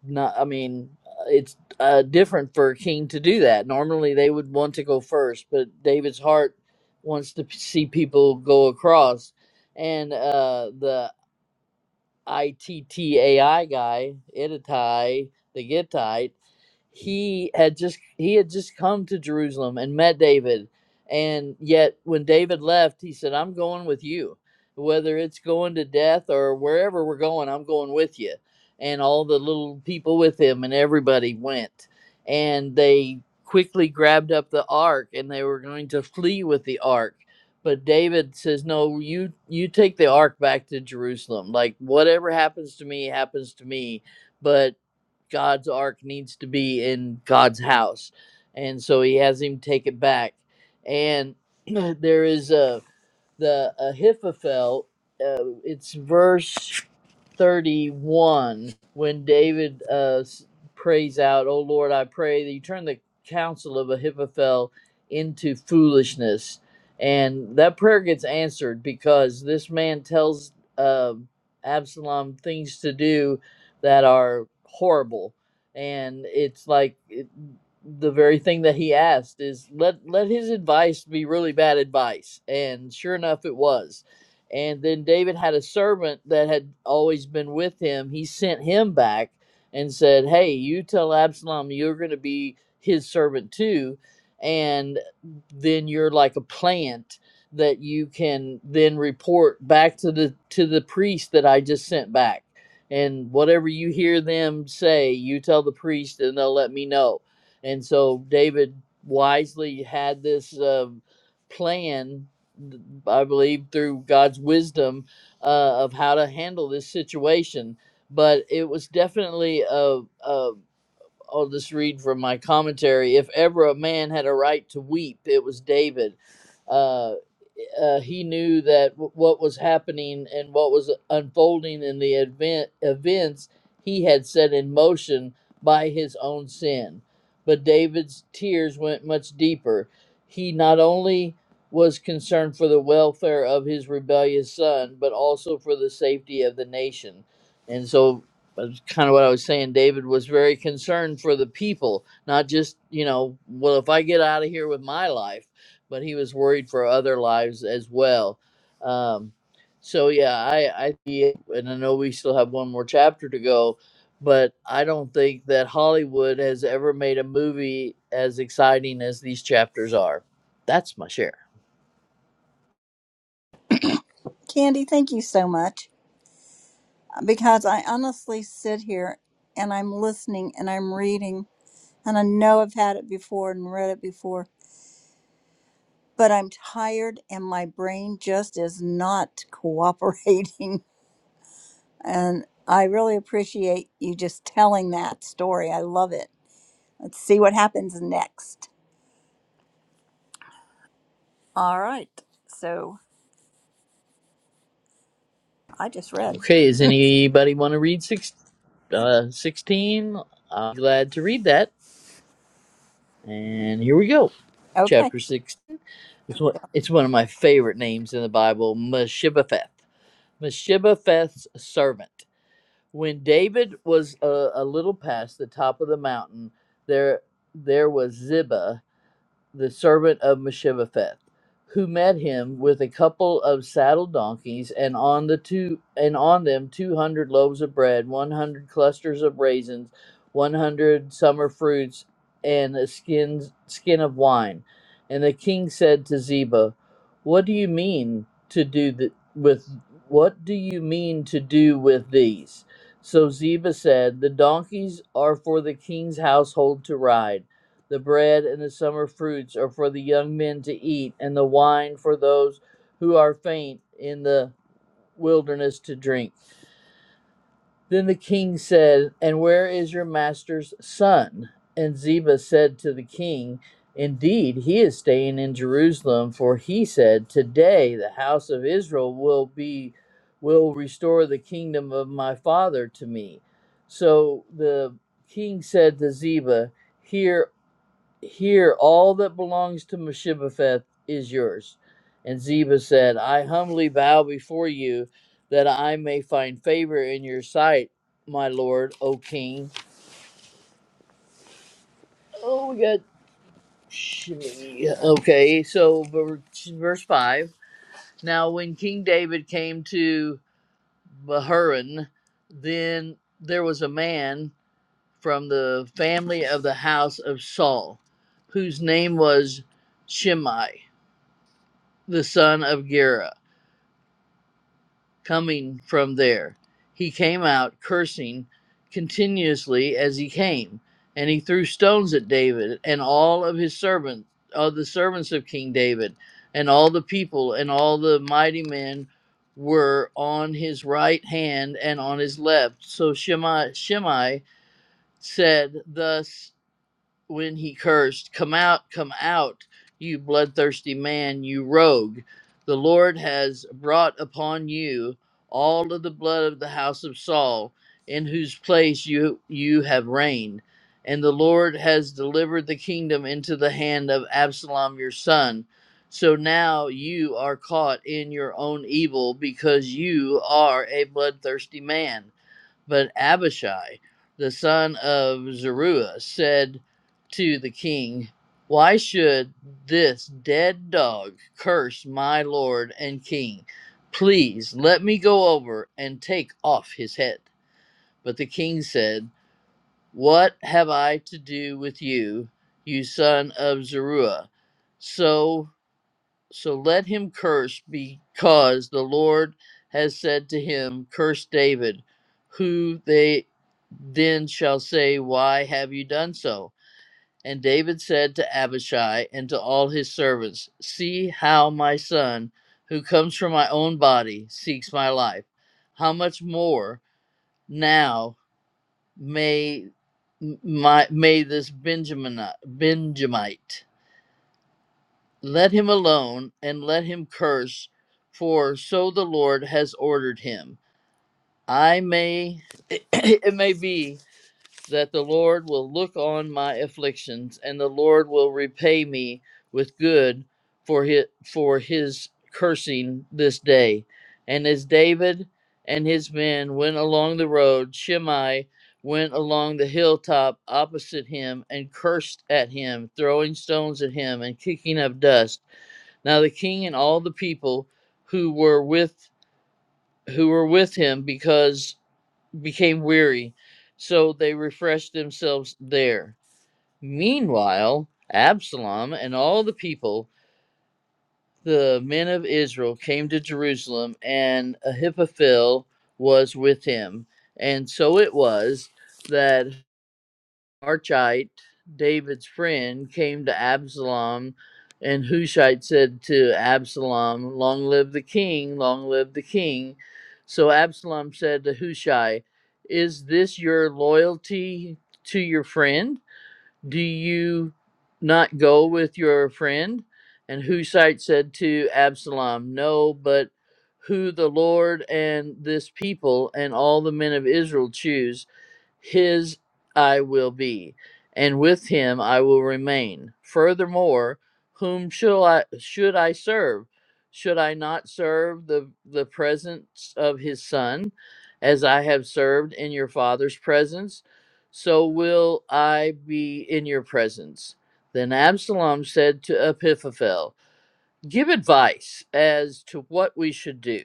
Speaker 2: not. I mean, it's uh, different for a king to do that. Normally, they would want to go first, but David's heart wants to p- see people go across and uh, the ITTAI guy, Ittai, the Gittite, he had just he had just come to Jerusalem and met David. And yet when David left, he said, "I'm going with you. Whether it's going to death or wherever we're going, I'm going with you." And all the little people with him and everybody went. And they quickly grabbed up the ark and they were going to flee with the ark but David says, "No, you you take the ark back to Jerusalem. Like whatever happens to me happens to me, but God's ark needs to be in God's house." And so he has him take it back. And there is a the Ahithophel. Uh, it's verse thirty-one when David uh, s- prays out, "Oh Lord, I pray that you turn the counsel of Ahithophel into foolishness." and that prayer gets answered because this man tells uh, Absalom things to do that are horrible, and it's like it, the very thing that he asked is let let his advice be really bad advice, and sure enough, it was. And then David had a servant that had always been with him. He sent him back and said, "Hey, you tell Absalom you're going to be his servant too." And then you're like a plant that you can then report back to the to the priest that I just sent back. And whatever you hear them say, you tell the priest and they'll let me know. And so David wisely had this uh, plan, I believe, through God's wisdom uh, of how to handle this situation. But it was definitely a, a I'll just read from my commentary. If ever a man had a right to weep, it was David. Uh, uh, he knew that w- what was happening and what was unfolding in the event events he had set in motion by his own sin. But David's tears went much deeper. He not only was concerned for the welfare of his rebellious son, but also for the safety of the nation. And so kind of what I was saying, David was very concerned for the people, not just, you know, well, if I get out of here with my life, but he was worried for other lives as well. Um, so, yeah, I, I, see it, and I know we still have one more chapter to go, but I don't think that Hollywood has ever made a movie as exciting as these chapters are. That's my share.
Speaker 1: Candy, thank you so much. because I honestly sit here and I'm listening and I'm reading and I know I've had it before and read it before, but I'm tired and my brain just is not cooperating. And I really appreciate you just telling that story. I love it. Let's see what happens next. All right. So I just read.
Speaker 2: Okay, does anybody want to read six, uh, 16? I'm glad to read that. And here we go.
Speaker 1: Okay.
Speaker 2: Chapter 6. It's one, it's one of my favorite names in the Bible, Meshibbetheth. Meshibbetheth's servant. When David was a, a little past the top of the mountain, there there was Ziba, the servant of Meshibbetheth, who met him with a couple of saddle donkeys, and on the two and on them two hundred loaves of bread, one hundred clusters of raisins, one hundred summer fruits, and a skin skin of wine. And the king said to Ziba, "What do you mean to do th- with what do you mean to do with these?" So Ziba said, "The donkeys are for the king's household to ride." The bread and the summer fruits are for the young men to eat, and the wine for those who are faint in the wilderness to drink. Then the king said, And where is your master's son? And Ziba said to the king, Indeed, he is staying in Jerusalem, for he said, Today the house of Israel will be will restore the kingdom of my father to me. So the king said to Ziba, Here here, all that belongs to Meshibbetheth is yours. And Ziba said, I humbly bow before you that I may find favor in your sight, my lord, O king. Oh, we got Shimei. Okay, so ver- verse 5. Now, when King David came to Bahurim, then there was a man from the family of the house of Saul, whose name was Shimei the son of Gera, coming from there. He came out cursing continuously as he came, and he threw stones at David and all of his servants, all the servants of King David, and all the people and all the mighty men were on his right hand and on his left. So Shimei, Shimei said thus when he cursed, Come out, come out, you bloodthirsty man, you rogue. The Lord has brought upon you all of the blood of the house of Saul, in whose place you, you have reigned. And the Lord has delivered the kingdom into the hand of Absalom your son. So now you are caught in your own evil because you are a bloodthirsty man. But Abishai, the son of Zeruiah, said to the king, Why should this dead dog curse my lord and king? Please let me go over and take off his head. But the king said, What have I to do with you, you son of Zeruiah? So so let him curse, because the Lord has said to him, Curse David, who they then shall say, Why have you done so? And David said to Abishai and to all his servants, See how my son, who comes from my own body, seeks my life. How much more now may m- my may this Benjamin Benjamite let him alone and let him curse, for so the Lord has ordered him. I may, it may be that the Lord will look on my afflictions, and the Lord will repay me with good for his, for his cursing this day. And as David and his men went along the road, Shimei went along the hilltop opposite him and cursed at him, throwing stones at him and kicking up dust. Now the king and all the people who were with who were with him because became weary, so they refreshed themselves there. Meanwhile, Absalom and all the people, the men of Israel, came to Jerusalem, and Ahithophel was with him. And so it was that Archite, David's friend, came to Absalom, and Hushai said to Absalom, Long live the king, long live the king. So Absalom said to Hushai, Is this your loyalty to your friend? Do you not go with your friend? And Hushai said to Absalom, No, but who the Lord and this people and all the men of Israel choose his I will be, and with him I will remain. Furthermore, whom shall I should I serve? Should I not serve the, the presence of his son, as I have served in your father's presence? So will I be in your presence. Then Absalom said to Ahithophel, give advice as to what we should do.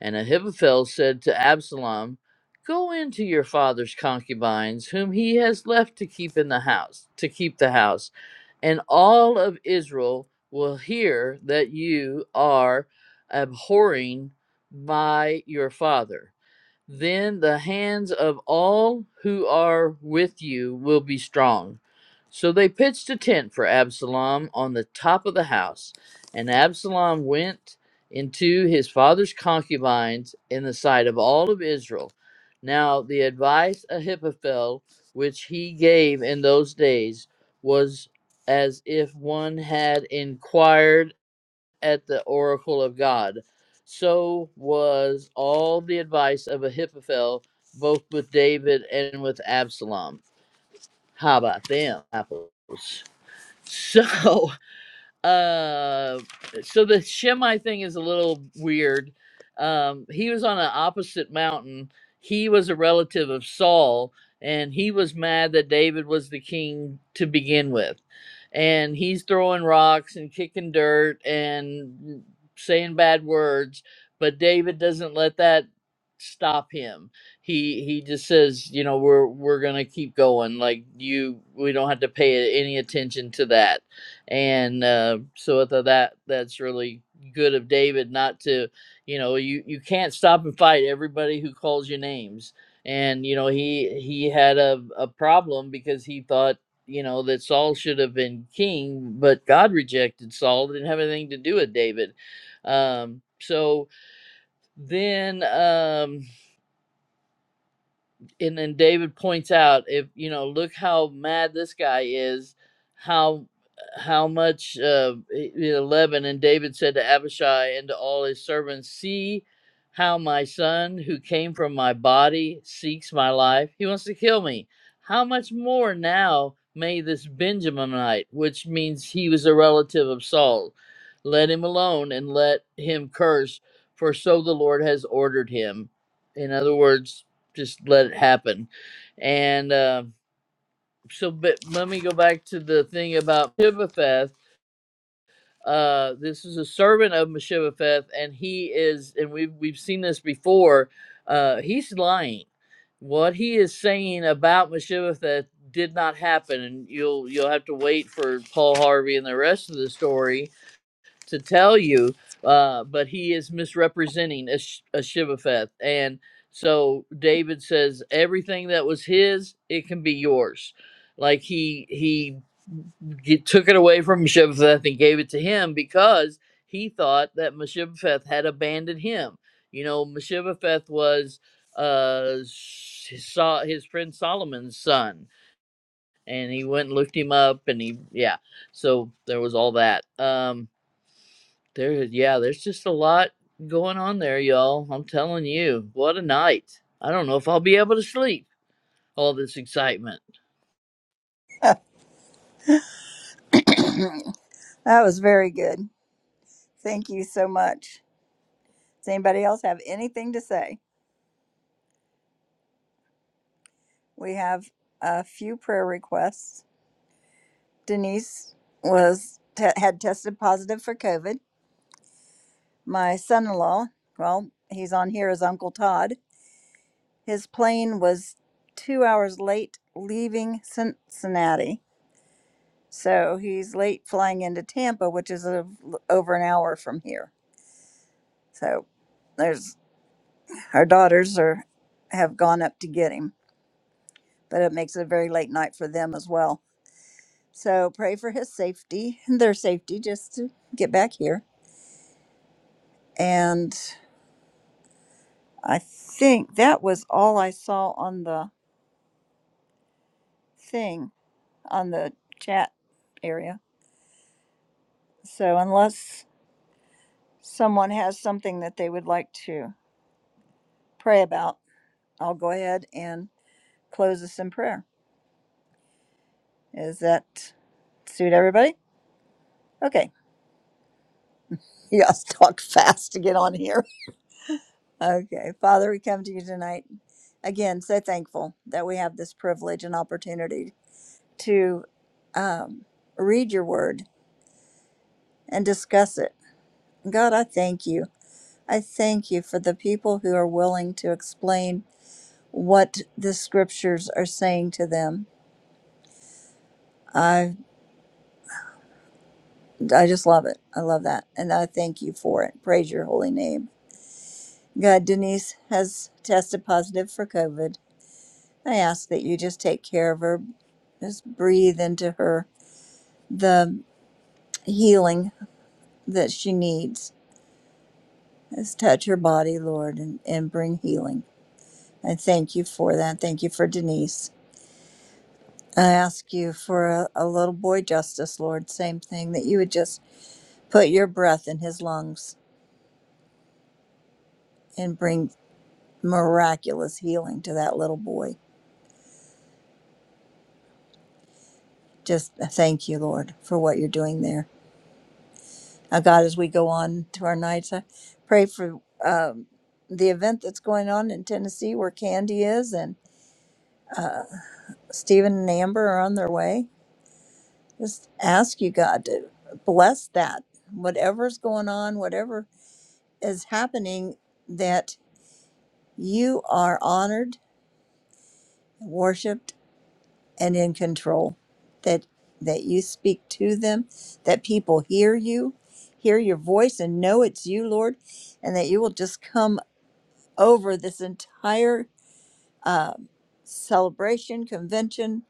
Speaker 2: And Ahithophel said to Absalom, Go into your father's concubines, whom he has left to keep in the house, to keep the house, and all of Israel will hear that you are abhorring by your father then the hands of all who are with you will be strong. So they pitched a tent for Absalom on the top of the house, and Absalom went into his father's concubines in the sight of all of Israel. Now the advice Ahithophel which he gave in those days was as if one had inquired at the oracle of God. So was all the advice of Ahithophel, both with David and with Absalom. How about them apples? So uh, so the Shemite thing is a little weird. Um, he was on an opposite mountain. He was a relative of Saul, and he was mad that David was the king to begin with. And he's throwing rocks and kicking dirt and saying bad words, but David doesn't let that stop him. He he just says, you know, we're we're gonna keep going. Like you, we don't have to pay any attention to that and uh, so I thought that that's really good of David not to, you know, you you can't stop and fight everybody who calls you names, and you know he he had a a problem because he thought you know that Saul should have been king, but God rejected Saul, It didn't have anything to do with David, um, so then. Um, and then David points out if you know look how mad this guy is how how much uh 11 and David said to Abishai and to all his servants see how my son who came from my body seeks my life he wants to kill me how much more now may this Benjaminite which means he was a relative of Saul let him alone and let him curse for so the Lord has ordered him in other words just let it happen. And uh, so, but let me go back to the thing about Mephibosheth. Uh, this is a servant of Mephibosheth, and he is, and we've we've seen this before. Uh, he's lying. What he is saying about Mephibosheth did not happen, and you'll you'll have to wait for Paul Harvey and the rest of the story to tell you, uh, but he is misrepresenting a, a Shibafeth. And so David says, everything that was his, it can be yours. Like he he g took it away from Mephibosheth and gave it to him because he thought that Mephibosheth had abandoned him. You know, Mephibosheth was uh, saw his friend Solomon's son, and he went and looked him up, and he yeah. So there was all that. Um, there, yeah, there's just a lot going on there, y'all. I'm telling you, what a night. I don't know if I'll be able to sleep. All this excitement.
Speaker 1: That was very good. Thank you so much. Does anybody else have anything to say? We have a few prayer requests. Denise was te- had tested positive for COVID. My son-in-law, well, he's on here as Uncle Todd. His plane was two hours late leaving Cincinnati, so he's late flying into Tampa, which is a, over an hour from here. So there's our daughters are have gone up to get him, but it makes it a very late night for them as well. So pray for his safety and their safety, just to get back here and I think that was all I saw on the thing, on the chat area. So unless someone has something that they would like to pray about, I'll go ahead and close this in prayer. Is that suit everybody? Okay. You guys talk fast to get on here. Okay. Father, we come to you tonight. Again, so thankful that we have this privilege and opportunity to um, read your word and discuss it. God, I thank you. I thank you for the people who are willing to explain what the scriptures are saying to them. I I just love it. I love that. And I thank you for it. Praise your holy name. God, Denise has tested positive for COVID. I ask that you just take care of her. Just breathe into her the healing that she needs. Just touch her body, Lord, and, and bring healing. I thank you for that. Thank you for Denise. I ask you for a, a little boy justice, Lord, same thing, that you would just put your breath in his lungs and bring miraculous healing to that little boy. Just uh, thank you, Lord, for what you're doing there. Now, God, as we go on to our nights, I pray for um, the event that's going on in Tennessee where Candy is and uh, Stephen and Amber are on their way. Just ask you, God, to bless that. Whatever's going on, whatever is happening, that You are honored, worshiped, and in control. That that you speak to them, that people hear you, hear your voice, and know it's you, Lord, and that you will just come over this entire uh, celebration convention.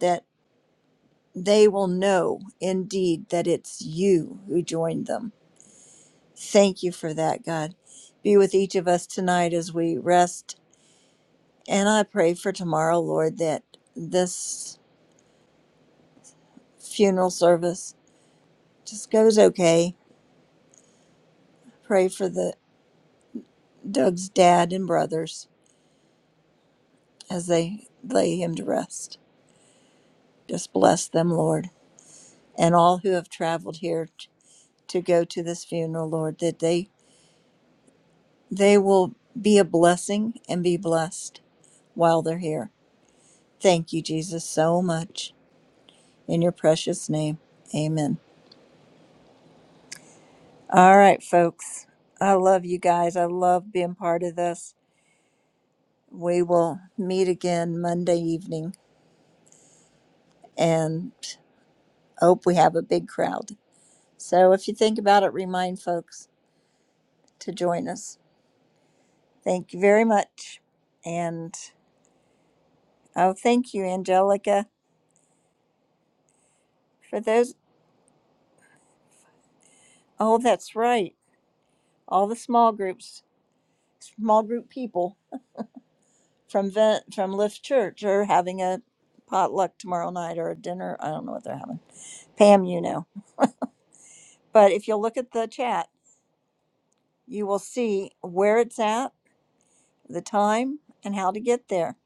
Speaker 1: That they will know indeed that it's you who joined them. Thank you for that, God. Be with each of us tonight as we rest. And I pray for tomorrow, Lord, that this funeral service. Just goes okay. Pray for the Doug's dad and brothers as they lay him to rest. Just bless them, Lord, and all who have traveled here t- to go to this funeral, Lord, that they they will be a blessing and be blessed while they're here. Thank you, Jesus, so much in your precious name. Amen. All right, folks. I love you guys. I love being part of this. We will meet again Monday evening. and hope we have a big crowd. So if you think about it, remind folks to join us. Thank you very much. And oh, thank you, Angelica, for those. Oh, that's right. All the small groups, small group people from Ven- from Lift Church are having a potluck tomorrow night or a dinner. I don't know what they're having. Pam, you know. But if you look at the chat, you will see where it's at, the time, and how to get there.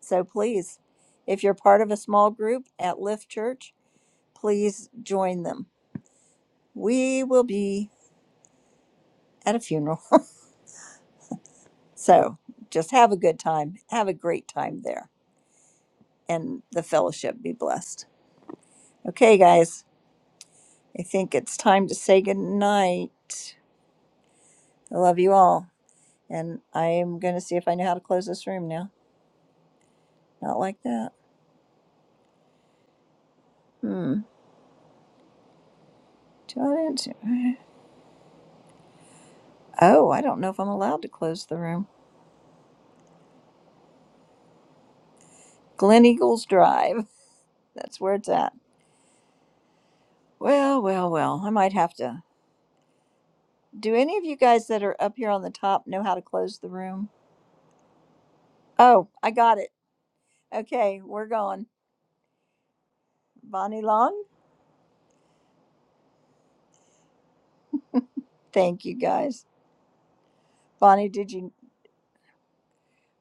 Speaker 1: So please, if you're part of a small group at Lift Church, please join them. We will be at a funeral. So just have a good time. Have a great time there and the fellowship be blessed. Okay, guys, I think it's time to say good night. I love you all. And I am going to see if I know how to close this room now. Not like that. Hmm. Do I do- Oh, I don't know if I'm allowed to close the room. Glen Eagles Drive. That's where it's at. Well, well, well. I might have to. Do any of you guys that are up here on the top know how to close the room? Oh, I got it. Okay, we're going. Bonnie Long? Thank you guys. Bonnie, did you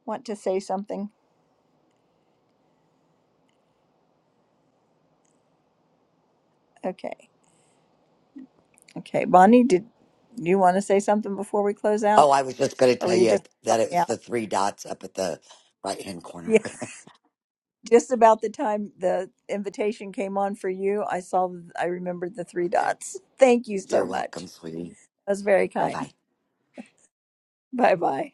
Speaker 1: want to say something? Okay. Okay. Bonnie, did you want to say something before we close
Speaker 7: Oh,
Speaker 1: out?
Speaker 7: I was just going to
Speaker 1: Or were
Speaker 7: tell
Speaker 1: you
Speaker 7: you
Speaker 1: just help
Speaker 7: that it
Speaker 1: me
Speaker 7: was
Speaker 1: out?
Speaker 7: the three dots up at the right hand corner.
Speaker 1: Yeah. Just about the time the invitation came on for you, I saw I remembered the three
Speaker 7: okay.
Speaker 1: dots. Thank you so
Speaker 7: You're welcome,
Speaker 1: much.
Speaker 7: sweetie.
Speaker 1: That was very
Speaker 7: Bye bye.
Speaker 1: kind. Bye bye.